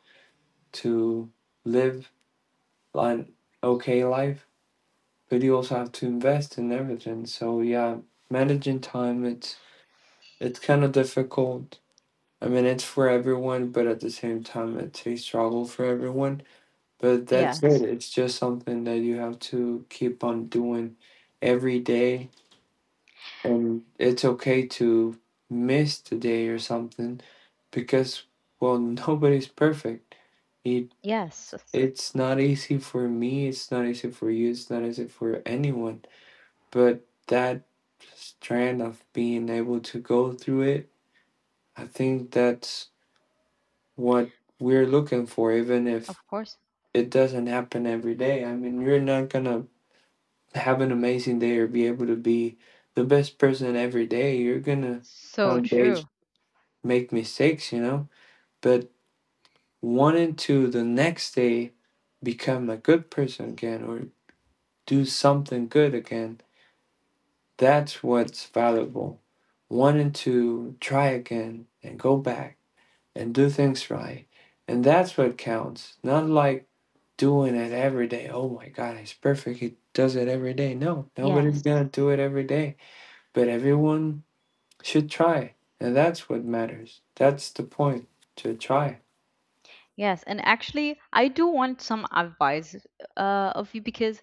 Speaker 2: to live an okay life. But you also have to invest in everything. So yeah, managing time it's kind of difficult. I mean, it's for everyone, but at the same time, it's a struggle for everyone. But that's it.
Speaker 1: yes,
Speaker 2: It's just something that you have to keep on doing every day, and it's okay to miss the day or something because nobody's perfect. it
Speaker 1: yes.
Speaker 2: it's not easy for me, it's not easy for you, it's not easy for anyone, but that strand of being able to go through it, I think that's what we're looking for, even if
Speaker 1: Of course,
Speaker 2: it doesn't happen every day. I mean, you're not gonna have an amazing day or be able to be the best person every day. You're gonna
Speaker 1: so
Speaker 2: have days,
Speaker 1: true.
Speaker 2: make mistakes, but wanting to the next day become a good person again or do something good again, that's what's valuable. Wanting to try again and go back and do things right. And that's what counts. Not like doing it every day. Oh my God, he's perfect. He does it every day. No, nobody's
Speaker 1: Yes.
Speaker 2: going to do it every day. But everyone should try. And that's what matters. That's the point, to try.
Speaker 1: Yes, and actually, I do want some advice of you, because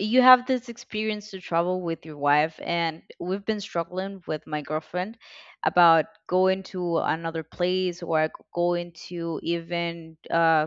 Speaker 1: you have this experience to travel with your wife, and we've been struggling with my girlfriend about going to another place or going to even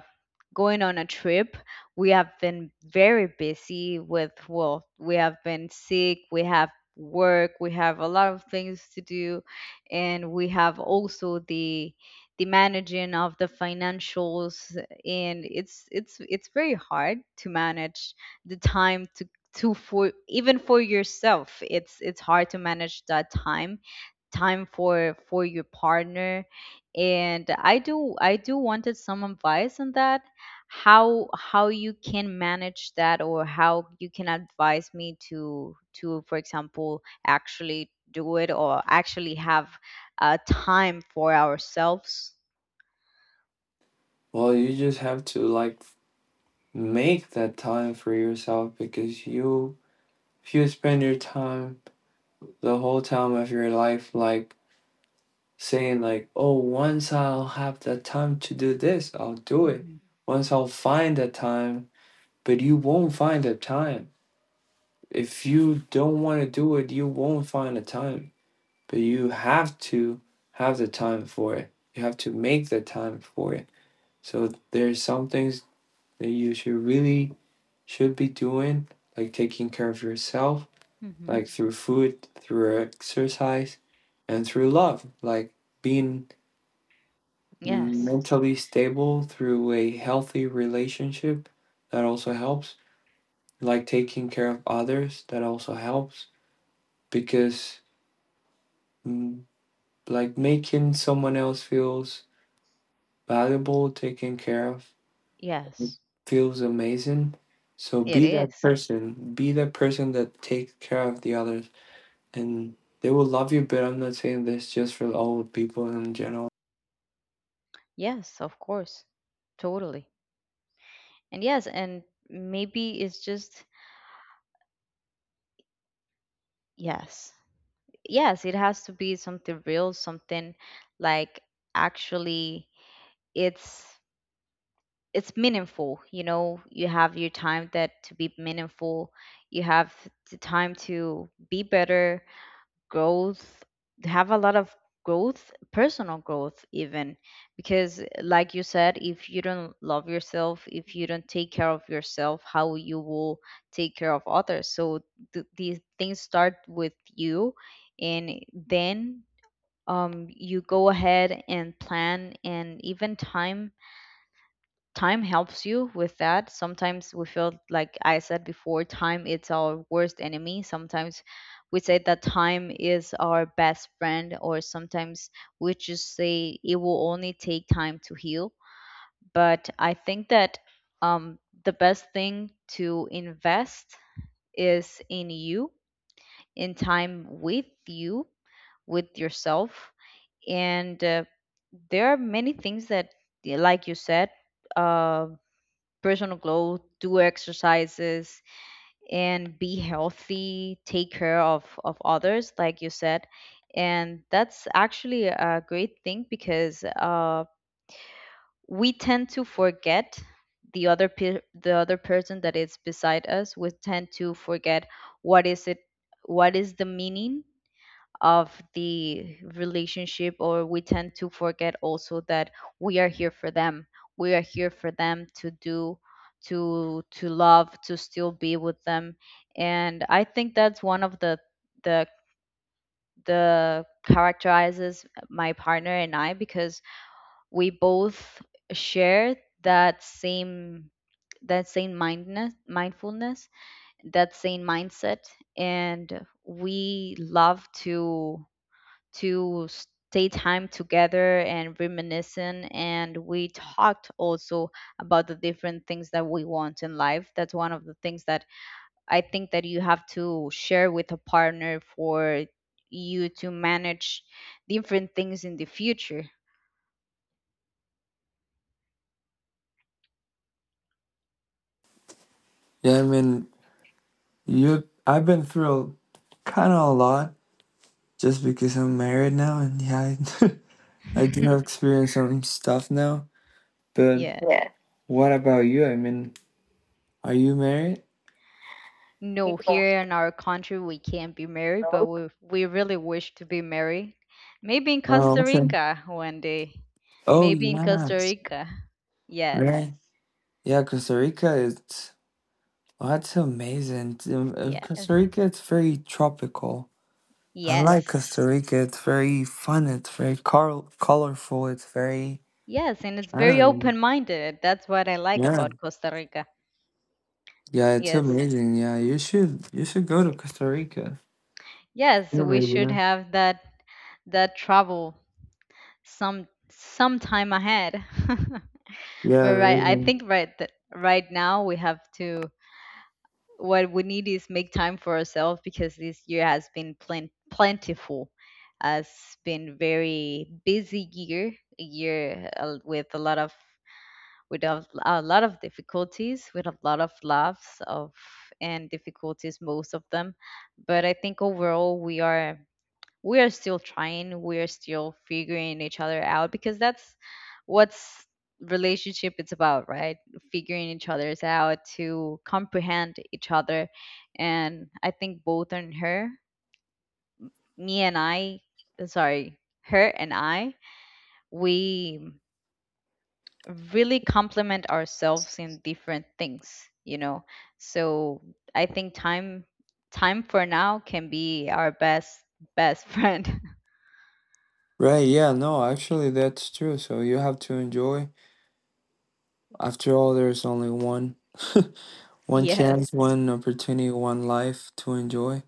Speaker 1: going on a trip. We have been very busy with, well, we have been sick, we have work, we have a lot of things to do, and we have also the managing of the financials. And it's very hard to manage the time to for even for yourself. It's hard to manage that time for your partner. And I do wanted some advice on that, how you can manage that or how you can advise me to for example actually do it, or actually have time for ourselves.
Speaker 2: Well, you just have to like make that time for yourself because you if you spend your time the whole time of your life like saying like, "Oh, once I'll have the time to do this, I'll do it.
Speaker 1: Hmm.
Speaker 2: Once I'll find the time." But you won't find the time. If you don't want to do it, you won't find the time. But you have to have the time for it. You have to make the time for it. So there's some things that you should really should be doing, like taking care of yourself,
Speaker 1: Hmm.
Speaker 2: like through food, through exercise, and through love, like being
Speaker 1: Yes,
Speaker 2: mentally stable through a healthy relationship that also helps, like taking care of others that also helps because mm, like making someone else feels valuable, taken care of,
Speaker 1: yes,
Speaker 2: feels amazing. So
Speaker 1: it
Speaker 2: be that
Speaker 1: is.
Speaker 2: person, be the person that takes care of the others, and they will love you. But I'm not saying this just for old people in general.
Speaker 1: Yes, of course, totally. And yes. And maybe it's just, yes, yes, it has to be something real, something like actually it's it's meaningful, you know. You have your time that to be meaningful, you have the time to be better growth, have a lot of growth, personal growth, even, because like you said, if you don't love yourself, if you don't take care of yourself, how you will take care of others? So these things start with you, and then you go ahead and plan. And even time helps you with that. Sometimes we feel like I said before, time it's our worst enemy. Sometimes we say that time is our best friend, or sometimes we just say it will only take time to heal. But I think that um, the best thing to invest is in you, in time with you, with yourself. And there are many things that, like you said, um personal growth, do exercises, and be healthy, take care of others, like you said. And that's actually a great thing, because we tend to forget the other the other person that is beside us. We tend to forget what is it, what is the meaning of the relationship, or we tend to forget also that we are here for them, we are here for them, to do to love, to still be with them. And I think that's one of the the the characterizes my partner and I, because we both share that same mindness mindfulness, that same mindset. And we love to stay time together and reminiscing. And we talked also about the different things that we want in life. That's one of the things that I think that you have to share with a partner for you to manage different things in the future.
Speaker 3: Yeah, I mean, you. I've been through kind of a lot just because I'm married now, and yeah, I, I do have experience on stuff now. But
Speaker 1: yeah.
Speaker 3: yeah, what about you? I mean, are you married?
Speaker 1: No,
Speaker 3: No,
Speaker 1: here in our country we can't be married, but
Speaker 3: no.
Speaker 1: we really wish to be married. Maybe in
Speaker 3: Oh,
Speaker 1: Costa
Speaker 3: okay.
Speaker 1: Rica one day,
Speaker 3: Oh,
Speaker 1: maybe in
Speaker 3: yeah,
Speaker 1: Costa Rica. Yes,
Speaker 3: right. Yeah, Costa Rica is. Oh, that's amazing.
Speaker 1: yes.
Speaker 3: Costa Rica, it's very tropical. I like
Speaker 1: Yes.
Speaker 3: Costa Rica. It's very fun. It's very colorful. It's very.
Speaker 1: Yes, and it's
Speaker 3: I
Speaker 1: very
Speaker 3: don't know.
Speaker 1: open-minded. That's what I like
Speaker 3: Yeah.
Speaker 1: about Costa Rica.
Speaker 3: Yeah, it's
Speaker 1: Yes.
Speaker 3: amazing. Yeah, you should go to Costa Rica.
Speaker 1: Yes,
Speaker 3: Yeah,
Speaker 1: we
Speaker 3: maybe,
Speaker 1: should
Speaker 3: yeah.
Speaker 1: have that travel sometime ahead.
Speaker 3: Yeah,
Speaker 1: But right, I
Speaker 3: really.
Speaker 1: think right that right now we have to, what we need is make time for ourselves, because this year has been plentiful. Has been very busy year, a year with a lot of, with a lot of difficulties, with a lot of laughs of and difficulties, most of them. But I think overall we are still trying, we are still figuring each other out, because that's what's relationship it's about, right? Figuring each other's out to comprehend each other. And I think both on her, me and I, sorry, her and I, we really complement ourselves in different things, you know. So I think time for now can be our best friend.
Speaker 3: Right, yeah, no, actually that's true. So you have to enjoy. After all, there's only one one
Speaker 1: Yes.
Speaker 3: chance, one opportunity, one life to enjoy.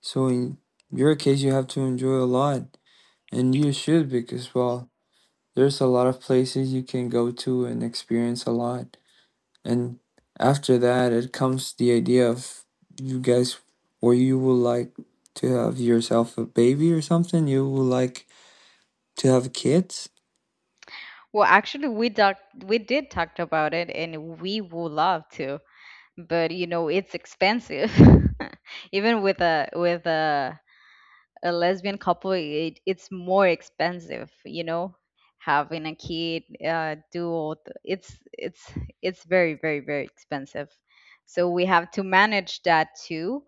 Speaker 3: So in your case, you have to enjoy a lot, and you should, because well, there's a lot of places you can go to and experience a lot. And after that, it comes the idea of you guys, or you will like to have yourself a baby or something. You will like to have kids.
Speaker 1: Well, actually we did talked about it, and we would love to, but you know it's expensive. even with a with a lesbian couple, it's more expensive, you know, having a kid, do all the, it's very very very expensive. So we have to manage that too.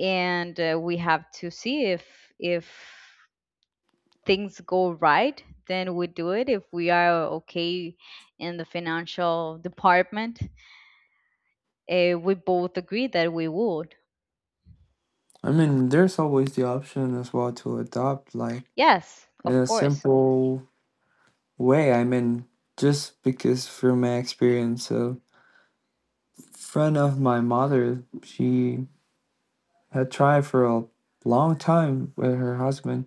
Speaker 1: And we have to see, if if things go right, then we do it. If we are okay in the financial department, we both agree that we would.
Speaker 3: I mean, there's always the option as well to adopt, like
Speaker 1: Yes,
Speaker 3: in
Speaker 1: of
Speaker 3: a
Speaker 1: course.
Speaker 3: simple way. I mean, just because from my experience, a friend of my mother, she had tried for a long time with her husband.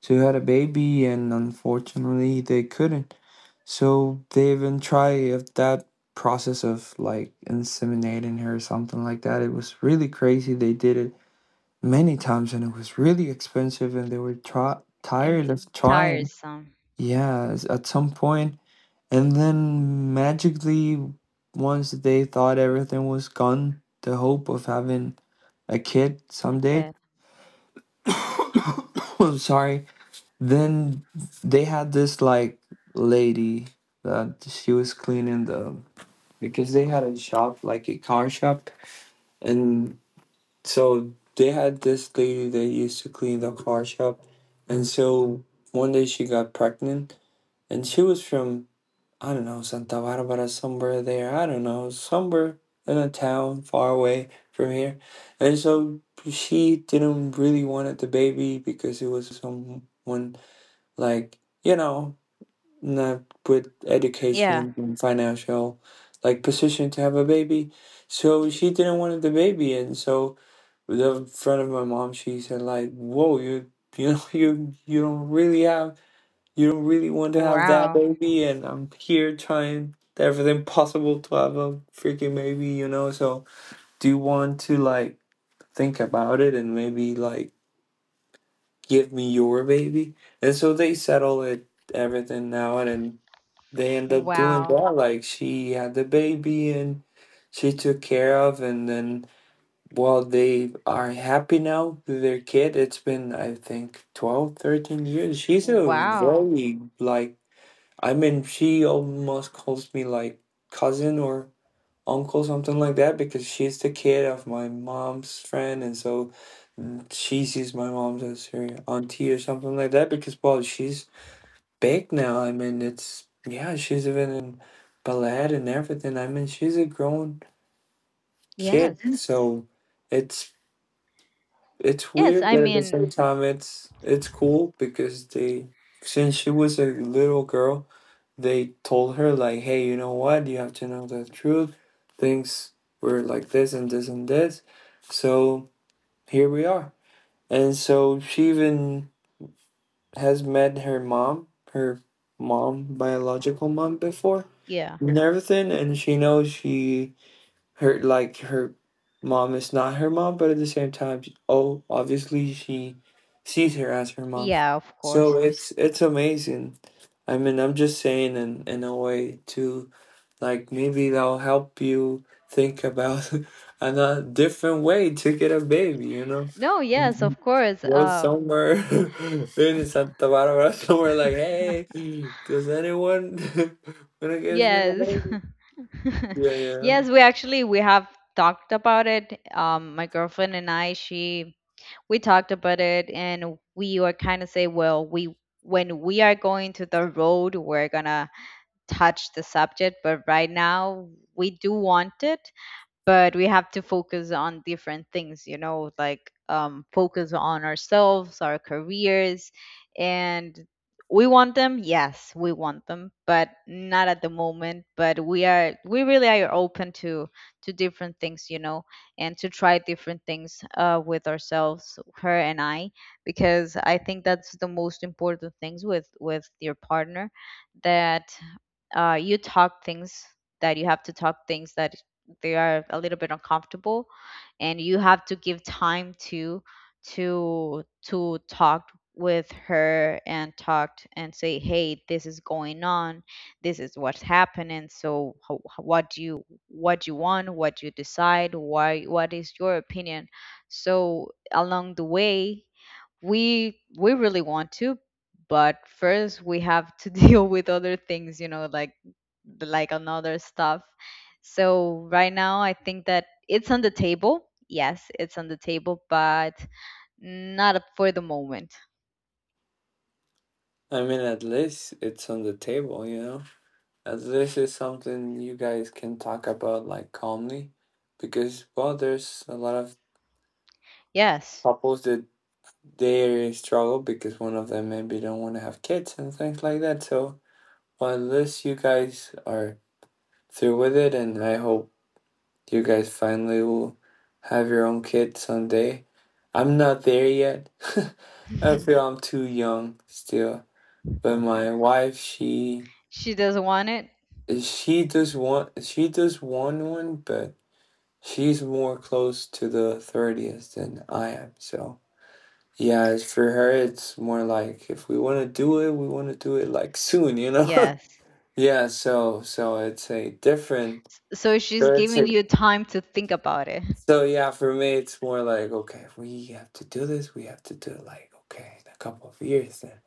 Speaker 3: She had a baby, and unfortunately, they couldn't. So they even tried if that process of like inseminating her or something like that. It was really crazy. They did it many times, and it was really expensive, and they were try-
Speaker 1: And
Speaker 3: tired of trying.
Speaker 1: tiresome.
Speaker 3: Yeah, at some point, and then magically, once they thought everything was gone, the hope of having a kid someday.
Speaker 1: Okay.
Speaker 3: I'm sorry. Then they had this like lady that she was cleaning the because they had a shop, like a car shop, and so they had this lady that used to clean the car shop, and so one day she got pregnant. And she was from, I don't know, Santa Barbara, somewhere there, I don't know, somewhere in a town far away from here. And so she didn't really want the baby because it was someone like, you know, not with
Speaker 1: Yeah.
Speaker 3: education and financial like position to have a baby. So she didn't want the baby, and so the friend of my mom, she said like, whoa, you know you don't really want to have that
Speaker 1: Wow.
Speaker 3: baby, and I'm here trying everything possible to have a freaking baby, you know, so do you want to like think about it and maybe like give me your baby? And so they settle it everything now, and then they end up doing
Speaker 1: Wow.
Speaker 3: that. Like she had the baby and she took care of, and then well, they are happy now with their kid. It's been, I think, 12, 13 years. She's a
Speaker 1: Wow.
Speaker 3: very, like, I mean she almost calls me like cousin or uncle, something like that, because she's the kid of my mom's friend, and so she sees my mom as her auntie or something like that, because well she's big now. I mean, it's, yeah, she's even in ballet and everything. I mean, she's a grown kid. Mhm.
Speaker 1: Yes.
Speaker 3: So it's it's
Speaker 1: Yes,
Speaker 3: weird,
Speaker 1: I
Speaker 3: but at the
Speaker 1: mean,
Speaker 3: same time, it's cool because they since she was a little girl, they told her like, hey, you know what, you have to know the truth. Things were like this and this and this, so here we are. And so she even has met her mom, biological mom before
Speaker 1: yeah.
Speaker 3: and everything, and she knows she her like her mom is not her mom, but at the same time oh obviously she sees her as her mom.
Speaker 1: Yeah, of
Speaker 3: So
Speaker 1: course.
Speaker 3: it's amazing. I mean, I'm just saying, in a way to like maybe that'll help you think about another different way to get a baby.
Speaker 1: No, yes,
Speaker 3: Mhm.
Speaker 1: of course.
Speaker 3: Go somewhere in Santa Barbara, somewhere like, hey, does anyone want to give me a
Speaker 1: Yes.
Speaker 3: baby? Yeah, yeah.
Speaker 1: yes, we actually we have talked about it. My girlfriend and I, she we talked about it, and we were kind of say, well, we when we are going to the road, we're going to touch the subject. But right now we do want it, but we have to focus on different things, you know, like focus on ourselves, our careers. And we want them. Yes, we want them, but not at the moment. But we are, we really are open to different things, you know, and to try different things, with ourselves, her and I, because I think that's the most important things with your partner, that you talk things that you have to talk, things that they are a little bit uncomfortable, and you have to give time to talk with her, and talked and say, hey, this is going on, this is what's happening. So what do you want, what do you decide, why, what is your opinion? So along the way we really want to, but first we have to deal with other things, you know, like another stuff. So right now I think that it's on the table. Yes, it's on the table, but not up for the moment.
Speaker 3: I mean, at least it's on the table, you know? At least it's something you guys can talk about like calmly. Because, well, there's a lot of
Speaker 1: Yes.
Speaker 3: couples that they struggle because one of them maybe don't want to have kids and things like that. So, well, at least you guys are through with it, and I hope you guys finally will have your own kid someday. I'm not there yet. I feel I'm too young still. But my wife, she
Speaker 1: she doesn't want it.
Speaker 3: She does want she does want one, but she's more close to the 30th than I am. So yeah, as for her, it's more like if we want to do it, we want to do it like soon, you know?
Speaker 1: Yes.
Speaker 3: Yeah, so it's a different.
Speaker 1: So she's
Speaker 3: So it's a,
Speaker 1: giving you time to think about it.
Speaker 3: so yeah, for me, it's more like okay, if we have to do this, we have to do it like okay, in a couple of years then.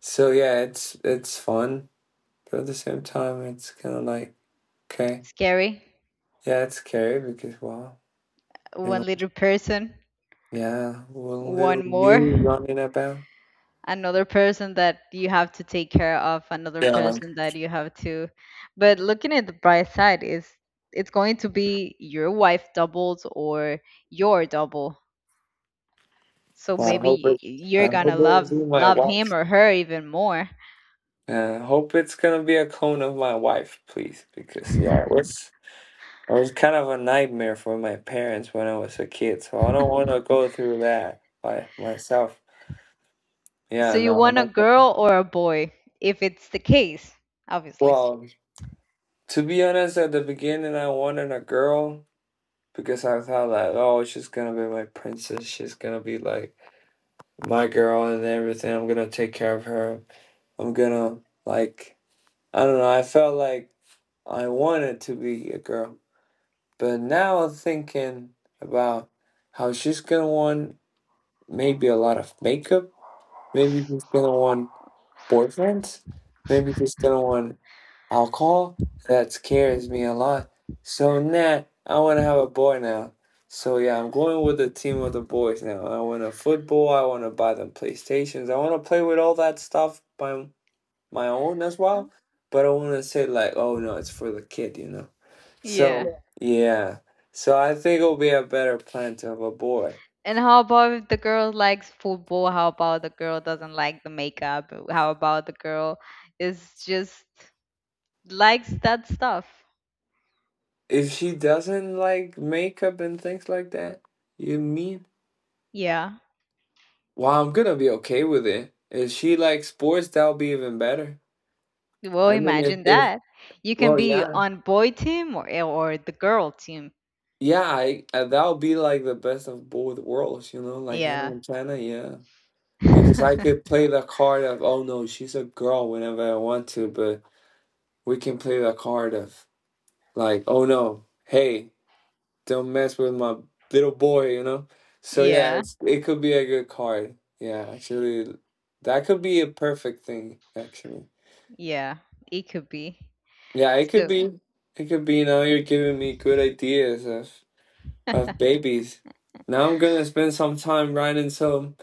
Speaker 3: So yeah, it's fun, but at the same time, it's kind of like okay,
Speaker 1: Scary.
Speaker 3: yeah, it's scary because wow.
Speaker 1: One little person,
Speaker 3: Yeah, one little
Speaker 1: one more,
Speaker 3: you running about.
Speaker 1: another person that you have to take care of, another
Speaker 3: Yeah,
Speaker 1: person that you have to. But looking at the bright side is it's going to be your wife doubles, or your double. So
Speaker 3: well, I hope
Speaker 1: maybe
Speaker 3: it. I
Speaker 1: you're
Speaker 3: hope
Speaker 1: gonna
Speaker 3: it's
Speaker 1: love
Speaker 3: will my
Speaker 1: love
Speaker 3: wife.
Speaker 1: him or her even more.
Speaker 3: Hope it's gonna be a clone of my wife, please, because yeah, it was it was kind of a nightmare for my parents when I was a kid, so I don't want to go through that by myself.
Speaker 1: So
Speaker 3: Yeah,
Speaker 1: you
Speaker 3: no, I
Speaker 1: want a
Speaker 3: don't.
Speaker 1: girl or a boy, if it's the case, obviously.
Speaker 3: Well, to be honest, at the beginning, I wanted a girl because I thought that, oh, she's gonna be my princess, she's gonna be like my girl and everything. I'm gonna take care of her. I'm gonna, like, I don't know, I felt like I wanted to be a girl. But now I'm thinking about how she's gonna want maybe a lot of makeup, maybe she's gonna want boyfriends, maybe she's gonna want alcohol. That scares me a lot. So nah, I wanna have a boy now. So yeah, I'm going with the team of the boys now. I want a football, I wanna buy them PlayStations, I wanna play with all that stuff by my own as
Speaker 1: Oh.
Speaker 3: well, but I want to say like, oh no, it's for the kid.
Speaker 1: Yeah.
Speaker 3: So yeah, yeah. So I think it'll be a better plan to have a boy.
Speaker 1: And how about if the girl likes football? How about the girl doesn't like the makeup? How about the girl is just likes that stuff.
Speaker 3: If she doesn't like makeup and things like that, you mean?
Speaker 1: Yeah.
Speaker 3: Well, I'm gonna be okay with it. If she likes sports, that'll be even better.
Speaker 1: Well,
Speaker 3: I mean, if
Speaker 1: imagine
Speaker 3: if
Speaker 1: that. You can
Speaker 3: well,
Speaker 1: be
Speaker 3: yeah,
Speaker 1: on boy team, or the girl team.
Speaker 3: yeah, I that'll be like the best of both worlds, like Hannah
Speaker 1: Yeah.
Speaker 3: Montana, yeah. Because I could play the card of, oh no, she's a girl whenever I want to, but we can play the card of like, oh no, hey, don't mess with my little boy, you know? So yeah,
Speaker 1: Yeah,
Speaker 3: it could be a good card. Yeah, actually, that could be a perfect thing, actually.
Speaker 1: yeah, it could be.
Speaker 3: Yeah, it could
Speaker 1: So
Speaker 3: be. It could be, now you're giving me good ideas of babies. Now I'm gonna spend some time writing some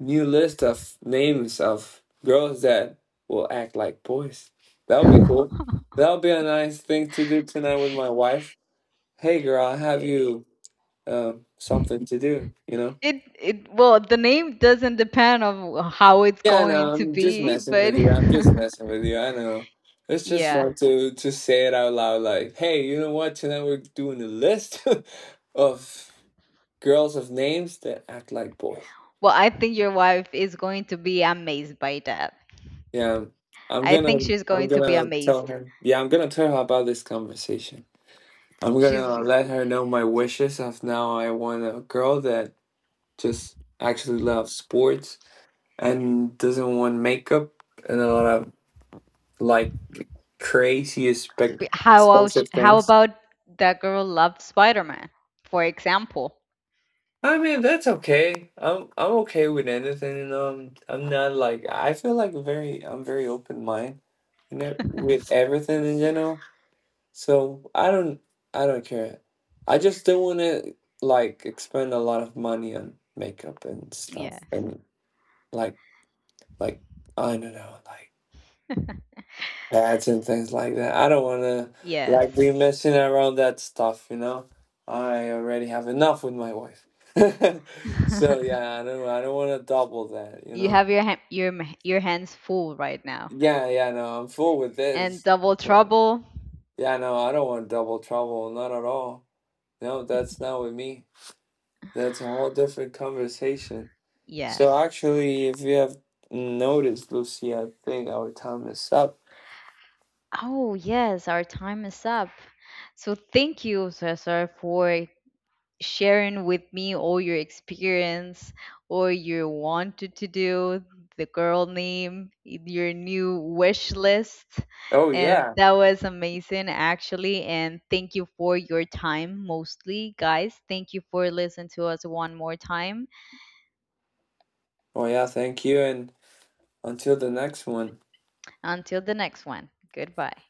Speaker 3: new list of names of girls that will act like boys. That would be cool. That would be a nice thing to do tonight with my wife. Hey girl, I have
Speaker 1: it,
Speaker 3: you, something to do, you know?
Speaker 1: it it well, the name doesn't depend on how it's
Speaker 3: Yeah, I
Speaker 1: going
Speaker 3: know,
Speaker 1: to
Speaker 3: I'm just
Speaker 1: be,
Speaker 3: messing
Speaker 1: but
Speaker 3: with you. I'm just messing with you. I know. It's just
Speaker 1: yeah.
Speaker 3: fun to say it out loud like, hey, you know what? Tonight we're doing a list of girls of names that act like boys.
Speaker 1: Well, I think your wife is going to be amazed by that.
Speaker 3: Yeah. I'm
Speaker 1: I think
Speaker 3: gonna
Speaker 1: she's
Speaker 3: I'm
Speaker 1: going to be
Speaker 3: gonna
Speaker 1: amazed.
Speaker 3: tell her, yeah, I'm gonna tell her about this conversation. I'm
Speaker 1: She's
Speaker 3: gonna let her know my wishes of now I want a girl that just actually loves sports and doesn't want makeup and a lot of like crazy expec-
Speaker 1: How out-
Speaker 3: expensive
Speaker 1: how
Speaker 3: things.
Speaker 1: about that girl loved Spider-Man, for example?
Speaker 3: I mean, that's okay. I'm okay with anything. You know, I'm not like I feel like very I'm very open mind, with everything in general. So I don't care. I just don't want to like expend a lot of money on makeup and stuff
Speaker 1: Yes.
Speaker 3: and like like I don't know like. Ads and things like that. I don't want to
Speaker 1: Yes.
Speaker 3: like be messing around that stuff. I already have enough with my wife. So yeah, I don't want to double that, you
Speaker 1: You
Speaker 3: know.
Speaker 1: have your your hands full right now.
Speaker 3: Yeah, yeah, no, I'm full with
Speaker 1: And
Speaker 3: this.
Speaker 1: Double
Speaker 3: So
Speaker 1: Trouble?
Speaker 3: yeah, no, I don't want double trouble, not at all. No, that's not with me. That's a whole different conversation. So
Speaker 1: Yes.
Speaker 3: actually, if you have noticed, Lucy, I think our time is up.
Speaker 1: Oh, yes, our time is up. So thank you, Cesar, for sharing with me all your experience, or you wanted to do the girl name your new wish list.
Speaker 3: Oh
Speaker 1: And
Speaker 3: yeah.
Speaker 1: that was amazing, actually. And thank you for your time, mostly. Guys, thank you for listening to us one more time.
Speaker 3: Oh yeah, thank you, and until the next one.
Speaker 1: Until the next one. Goodbye.